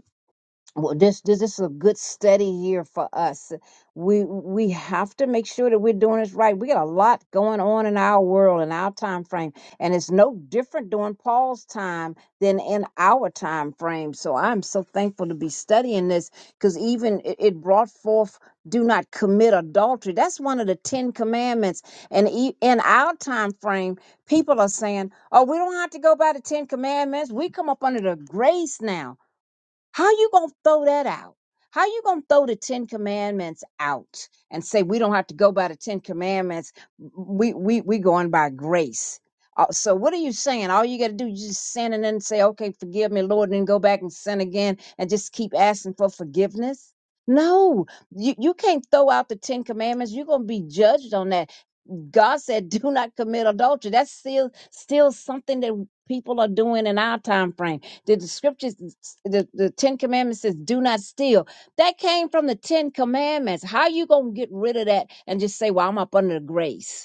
well, this this this is a good steady year for us. We we have to make sure that we're doing this right. We got a lot going on in our world in our time frame, and it's no different during Paul's time than in our time frame. So I'm so thankful to be studying this because even it, it brought forth do not commit adultery. That's one of the Ten Commandments, and e- in our time frame, people are saying, "Oh, we don't have to go by the Ten Commandments. We come up under the grace now." How you gonna throw that out? How you gonna throw the Ten Commandments out and say we don't have to go by the Ten Commandments? We we we going by grace. Uh, so what are you saying? All you got to do is just sin and then say, "Okay, forgive me, Lord," and then go back and sin again and just keep asking for forgiveness. No, you, you can't throw out the Ten Commandments. You're gonna be judged on that God said, "Do not commit adultery." That's still still something that people are doing in our time frame. The, the scriptures, the, the Ten Commandments says, "Do not steal." That came from the Ten Commandments. How you gonna get rid of that and just say, "Well, I'm up under the grace"?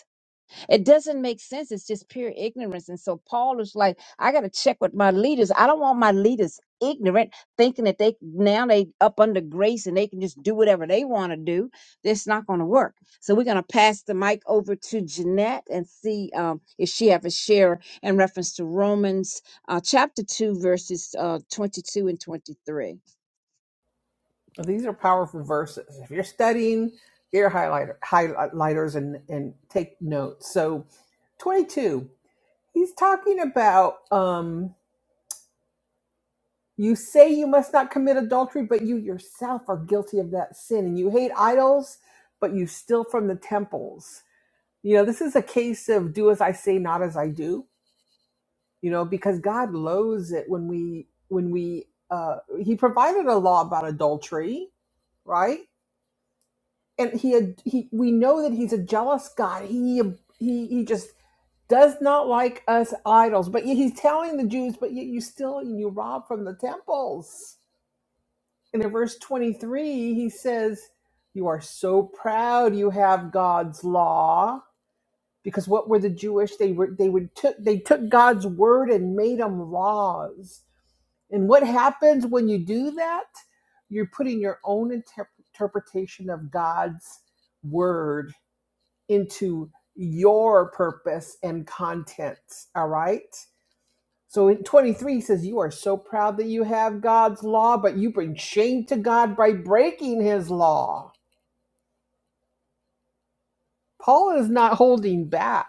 It doesn't make sense. It's just pure ignorance. And so Paul is like, I got to check with my leaders. I don't want my leaders ignorant, thinking that they now they up under grace and they can just do whatever they want to do. That's not going to work. So we're going to pass the mic over to Jeanette and see um, if she have a share in reference to Romans uh, chapter two, verses uh, twenty-two and twenty-three.
These are powerful verses. If you're studying, get your highlighter, highlighters and, and take notes. So, 22, he's talking about um, you say you must not commit adultery, but you yourself are guilty of that sin. And you hate idols, but you steal from the temples. You know, this is a case of do as I say, not as I do, you know, because God loathes it when we, when we, uh, he provided a law about adultery, right? and he ad- he we know that he's a jealous god. He he he just does not like us idols. But yet he's telling the Jews, but yet you still you rob from the temples. And in verse 23, he says, "You are so proud you have God's law." Because what were the Jewish? They were they would took they took God's word and made them laws. And what happens when you do that? You're putting your own inter- interpretation of God's word into your purpose and content. All right. So in 23 he says, You are so proud that you have God's law, but you bring shame to God by breaking his law. Paul is not holding back.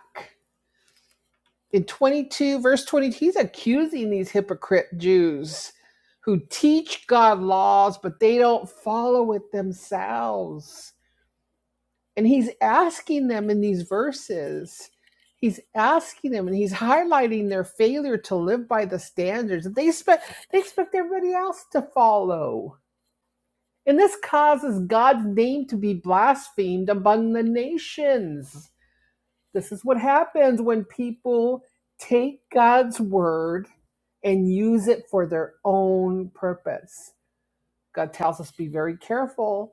In 22, verse 20, he's accusing these hypocrite Jews who teach God laws, but they don't follow it themselves. And he's asking them in these verses, he's asking them and he's highlighting their failure to live by the standards that they expect they expect everybody else to follow. And this causes God's name to be blasphemed among the nations. This is what happens when people take God's word and use it for their own purpose. God tells us be very careful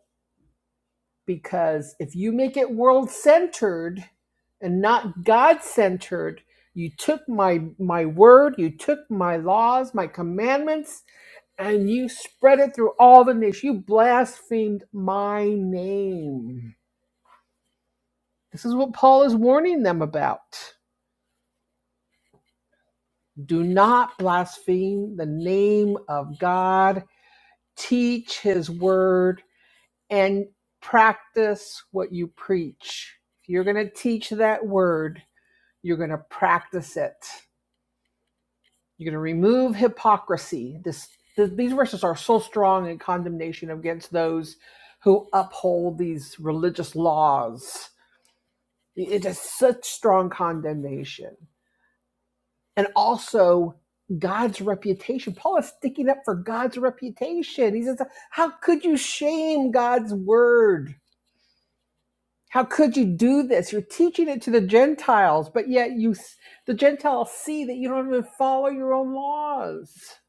because if you make it world centered and not God centered, you took my my word, you took my laws, my commandments, and you spread it through all the nations. You blasphemed my name. This is what Paul is warning them about. Do not blaspheme the name of God. Teach his word and practice what you preach. If you're going to teach that word, You're going to practice it. You're going to remove hypocrisy. This, th- these verses are so strong in condemnation against those who uphold these religious laws. It is such strong condemnation. And also God's reputation. Paul is sticking up for God's reputation. He says, How could you shame God's word? How could you do this? You're teaching it to the Gentiles, but yet you the Gentiles see that you don't even follow your own laws.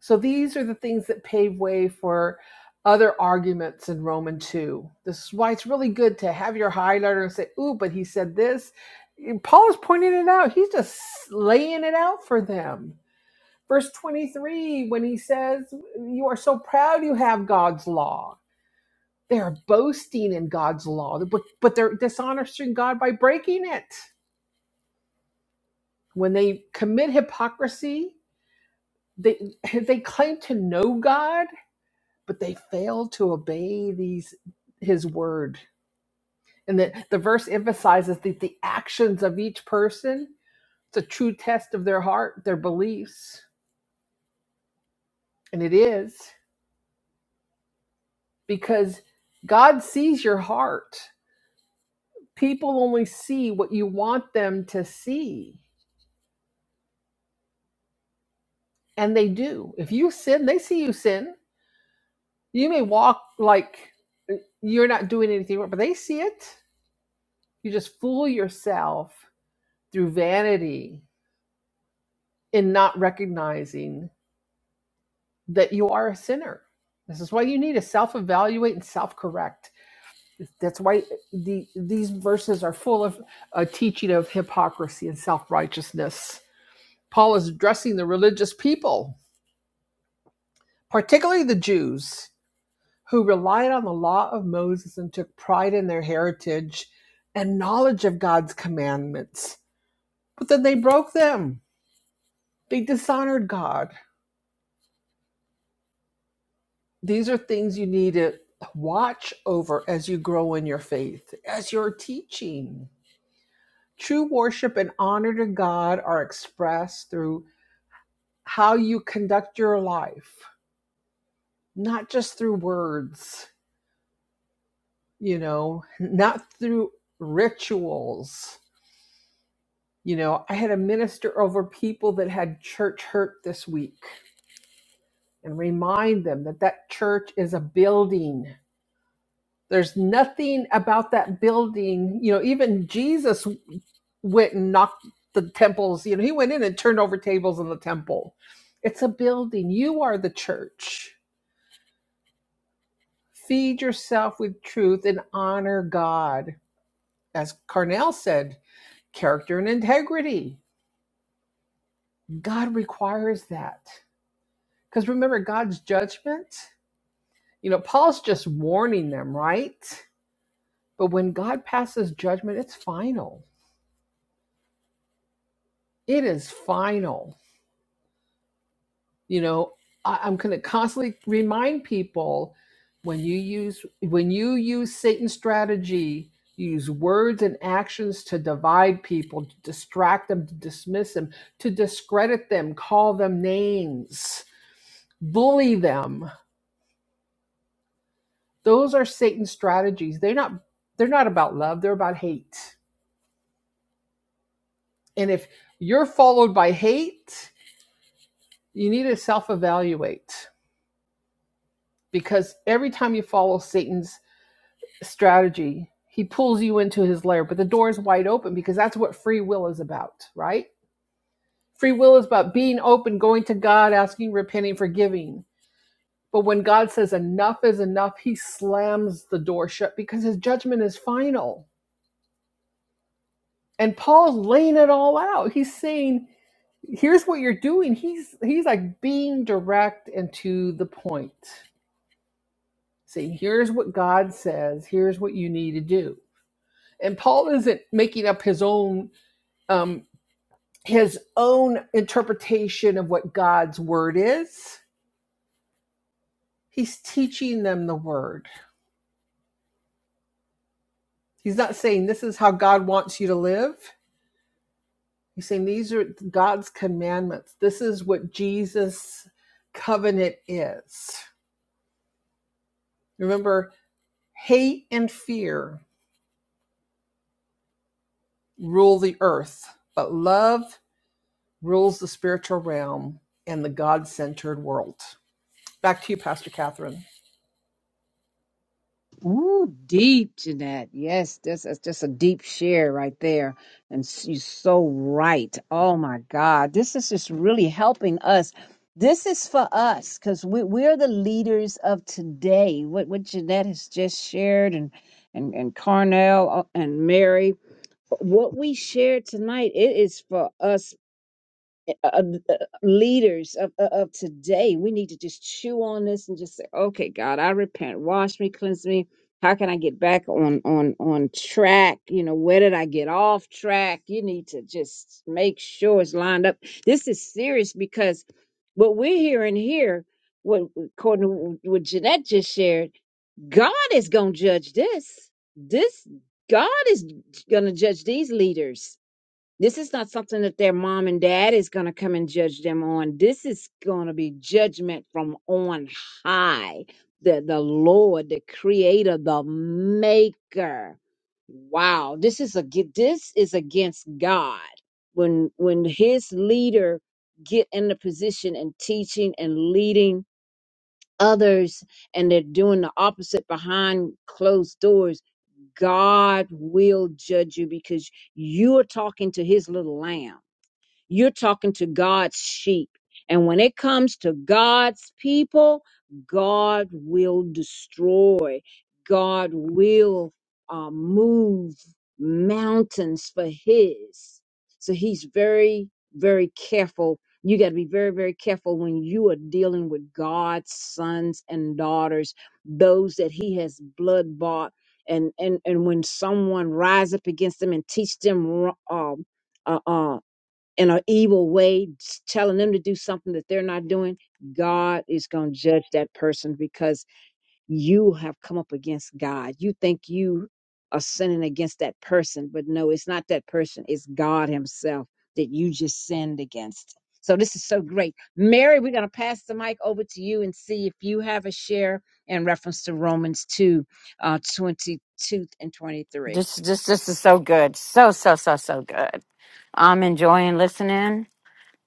So these are the things that pave way for other arguments in Romans 2. This is why it's really good to have your highlighter and say, "Ooh, but he said this." Paul is pointing it out. He's just laying it out for them. Verse 23 when he says, "You are so proud you have God's law." They're boasting in God's law, but, but they're dishonoring God by breaking it. When they commit hypocrisy, they they claim to know God, but they fail to obey these his word. And the, the verse emphasizes that the actions of each person, it's a true test of their heart, their beliefs. And it is because God sees your heart. People only see what you want them to see. And they do. If you sin, they see you sin. You may walk like uh, you're not doing anything wrong, but they see it. You just fool yourself through vanity in not recognizing that you are a sinner. This is why you need to self evaluate and self correct. That's why the, these verses are full of a teaching of hypocrisy and self righteousness. Paul is addressing the religious people, particularly the Jews, who relied on the law of Moses and took pride in their heritage and knowledge of God's commandments. But then they broke them, they dishonored God. These are things you need to watch over as you grow in your faith, as you're teaching. True worship and honor to God are expressed through how you conduct your life, not just through words, you know, not through rituals You know, I had to minister over people that had church hurt this week and remind them that that church is a building. There's nothing about that building. You know, even Jesus went and knocked the temples. You know, he went in and turned over tables in the temple. It's a building. You are the church. Feed yourself with truth and honor God. As Carnell said, character and integrity. God requires that. Because remember, God's judgment, you know, Paul's just warning them, right? But when God passes judgment, it's final. It is final. You know, I, I'm going to constantly remind people when you use when you use Satan's strategy, you use words and actions to divide people, to distract them, to dismiss them, to discredit them, call them names, bully them Those are Satan's strategies. They're not they're not about love, they're about hate. And if you're followed by hate, you need to self-evaluate because every time you follow Satan's strategy, he pulls you into his lair, but the door is wide open because that's what free will is about, right? Free will is about being open, going to God, asking, repenting, forgiving. But when God says enough is enough, he slams the door shut because his judgment is final And Paul's laying it all out. He's saying, here's what you're doing. He's he's like being direct and to the point. Saying, here's what God says, here's what you need to do. And Paul isn't making up his own um his own interpretation of what God's word is. He's teaching them the word. He's not saying this is how God wants you to live. He's saying these are God's commandments. This is what Jesus covenant is Remember, hate and fear rule the earth, but love rules the spiritual realm and the God centered world. Back to you, Pastor Catherine.
Ooh, deep, Jeanette. Yes, this is just a deep share right there. And s- you're so right. Oh my God. This is just really helping us. This is for us because we, we're the leaders of today. What, what Jeanette has just shared and, and, and Carnell uh, and Mary, what we shared tonight, it is for us uh, uh, uh, leaders of, of of today, we need to just chew on this and just say, okay, God, I repent. Wash me, cleanse me. How can I get back on on on track? You know, where did I get off track? You need to just make sure it's lined up. This is serious because what we're hearing here, what according to what Jeanette just shared, God is gonna judge this. This God is gonna judge these leaders this is not something that their mom and dad is going to come and judge them on. This is going to be judgment from on high. The, the Lord, the creator, the maker. Wow. This is a, this is against God. When, when his leader get in the position and teaching and leading others and they're doing the opposite behind closed doors, God will judge you because you're talking to his little lamb you're talking to God's sheep. And when it comes to God's people, God will destroy, God will uh, move mountains for His. So He's very, very careful. You got to be very, very careful when you are dealing with God's sons and daughters, those that He has blood bought. And, and and when someone rise up against them and teach them wro- um, uh, in an evil way, s- telling them to do something that they're not doing, God is going to judge that person because you have come up against God. You think you are sinning against that person, but no, it's not that person, it's God Himself that you just sinned against. So this is so great. Mary, we're going to pass the mic over to you and see if you have a share in reference to Romans 2 uh, 22 and 23.
this this this is so good so so so so good i'm enjoying listening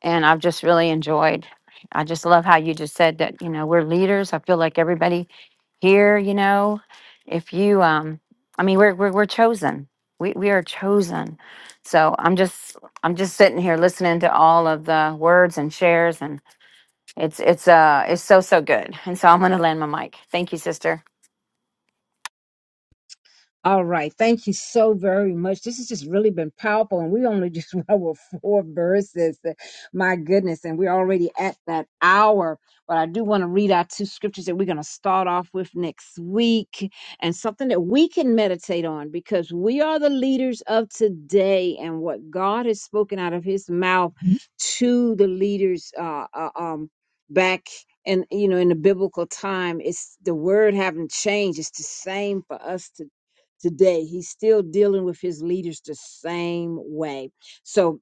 and I've just really enjoyed. I just love how you just said that, you know, we're leaders. I feel like everybody here, you know, if you um I mean we're we're we're chosen. We we are chosen. So I'm just I'm just sitting here listening to all of the words and shares and it's it's uh it's so so good. And so I'm gonna land my mic. Thank you, sister.
All right. Thank you so very much. This has just really been powerful. And we only just went with four verses. My goodness. And we're already at that hour. But I do want to read our two scriptures that we're going to start off with next week and something that we can meditate on because we are the leaders of today and what God has spoken out of his mouth Mhm. to the leaders uh, uh, um, back. And you know, in the biblical time, it's the word haven't changed. It's the same for us today today. He's still dealing with his leaders the same way. So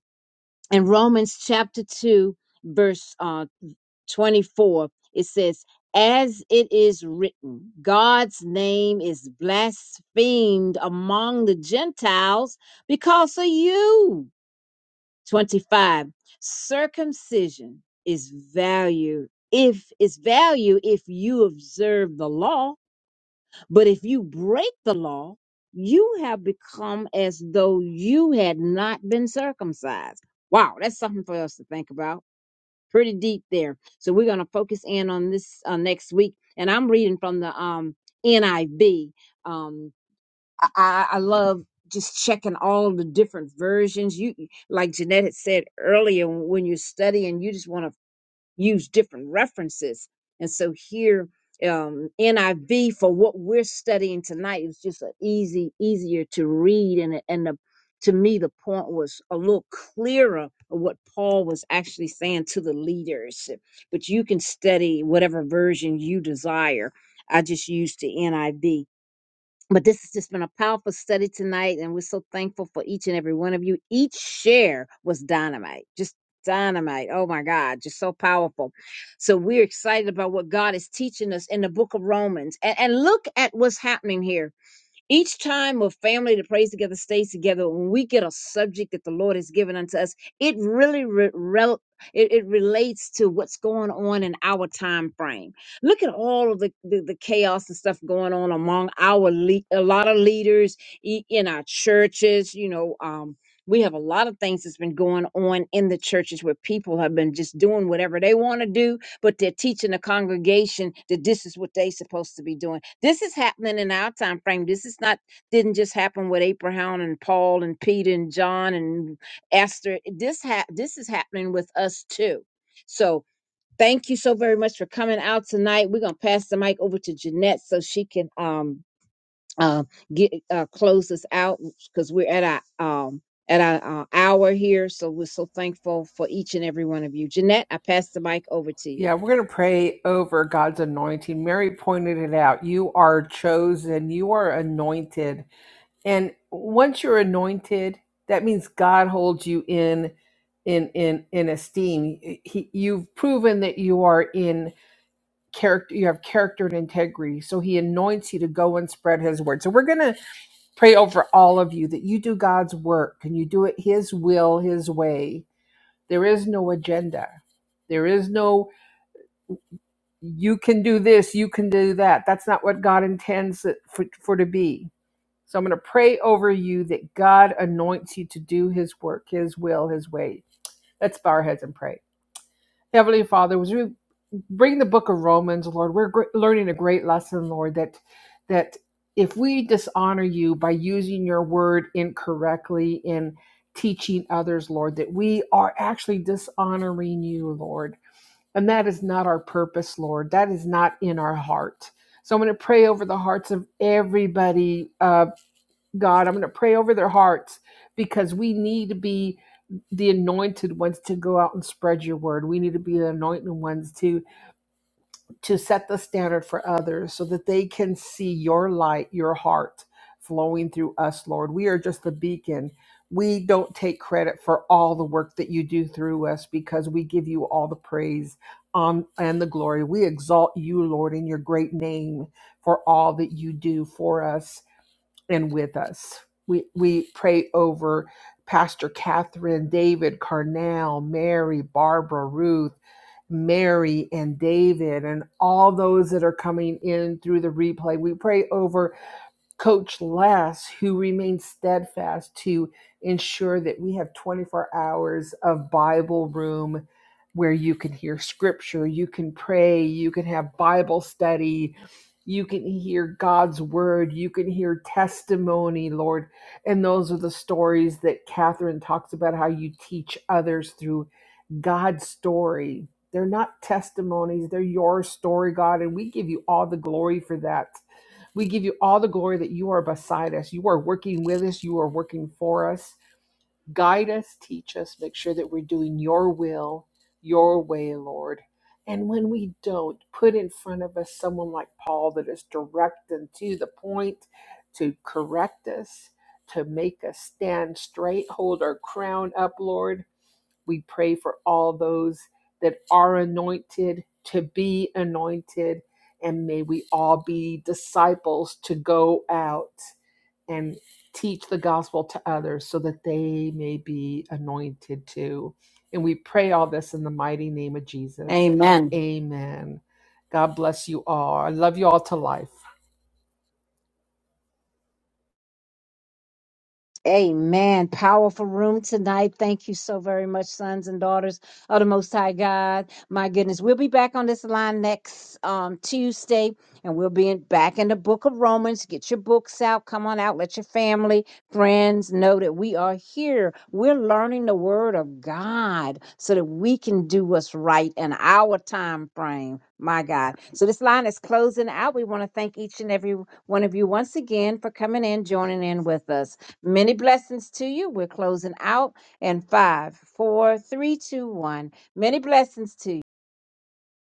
in Romans chapter 2, verse uh, 24, it says, As it is written, God's name is blasphemed among the Gentiles because of you. 25. Circumcision is valued if is value if you observe the law but if you break the law, you have become as though you had not been circumcised. Wow, that's something for us to think about. Pretty deep there. So we're going to focus in on this uh, next week. And I'm reading from the um, NIV. Um, I, I I love just checking all the different versions. You, like Jeanette had said earlier, when you're studying, you just want to use different references. And so here, um, NIV for what we're studying tonight is just a easy, easier to read, and it- and the, to me the point was a little clearer of what Paul was actually saying to the leaders. But you can study whatever version you desire. I just used the NIV but this has just been a powerful study tonight, and we're so thankful for each and every one of you. Each share was dynamite, just dynamite. Oh my God, just so powerful. So we're excited about what God is teaching us in the book of Romans. And, and look at what's happening here. Each time a family that prays together stays together, when we get a subject that the Lord has given unto us, it really re- rel- it, it relates to what's going on in our time frame. Look at all of the, the, the chaos and stuff going on among our le- a lot of leaders e- in our churches. You know, um, we have a lot of things that's been going on in the churches where people have been just doing whatever they want to do but they're teaching the congregation that this is what they're supposed to be doing. This is happening in our time frame. This is not didn't just happen with Abraham and Paul and Peter and John and Esther. This ha- this is happening with us too. So thank you so very much for coming out tonight. We're gonna pass the mic over to Jeanette so she can um uh, get uh, close us out because we're at our um at our uh, hour here. So we're so thankful for each and every one of you. Jeanette, I pass the mic over to you.
Yeah, we're going to pray over God's anointing. Mary pointed it out. You are chosen, you are anointed. And once you're anointed, that means God holds you in in in in esteem. He, you've proven that you are in character you have character and integrity so he anoints you to go and spread his word so we're going to pray over all of you that you do god's work and you do it his will his way there is no agenda there is no you can do this you can do that that's not what god intends it for, for to be so i'm going to pray over you that god anoints you to do his work his will his way let's bow our heads and pray heavenly father as we reading the book of Romans, Lord, we're gr- learning a great lesson, Lord, that that if we dishonor you by using your word incorrectly in teaching others, Lord, that we are actually dishonoring you, Lord. And that is not our purpose, Lord. That is not in our heart. So I'm going to pray over the hearts of everybody, uh, God. I'm going to pray over their hearts because we need to be the anointed ones to go out and spread your word. We need to be the anointed ones to to set the standard for others so that they can see your light, your heart flowing through us, Lord. We are just the beacon. We don't take credit for all the work that you do through us because we give you all the praise um, and the glory. We exalt you, Lord, in your great name for all that you do for us and with us. We, we pray over Pastor Catherine, David, Carnell, Mary, Barbara, Ruth, Mary, and David, and all those that are coming in through the replay. We pray over Coach Lass, who remains steadfast to ensure that we have 24 hours of Bible room where you can hear scripture, you can pray, you can have Bible study, you can hear God's word, you can hear testimony, Lord. And those are the stories that Catherine talks about how you teach others through God's story. They're not testimonies, they're your story, God, and we give you all the glory for that. We give you all the glory that you are beside us. You are working with us. You are working for us. Guide us, teach us, make sure that we're doing your will, your way, Lord. And when we don't, put in front of us someone like Paul that is direct and to the point to correct us, to make us stand straight, hold our crown up, Lord we pray for all those that are anointed to be anointed. And may we all be disciples to go out and teach the gospel to others so that they may be anointed too. And we pray all this in the mighty name of Jesus.
Amen.
Amen. God bless you all. I love you all to life.
Amen. Powerful room tonight. Thank you so very much, sons and daughters of the Most High God. My goodness, we'll be back on this line next um, Tuesday, and we'll be in, back in the Book of Romans. Get your books out. Come on out. Let your family, friends know that we are here. We're learning the Word of God so that we can do what's right in our time frame. My God. So this line is closing out. We want to thank each and every one of you once again for coming in, joining in with us. Many blessings to you. We're closing out in five, four, three, two, one. Many blessings to you.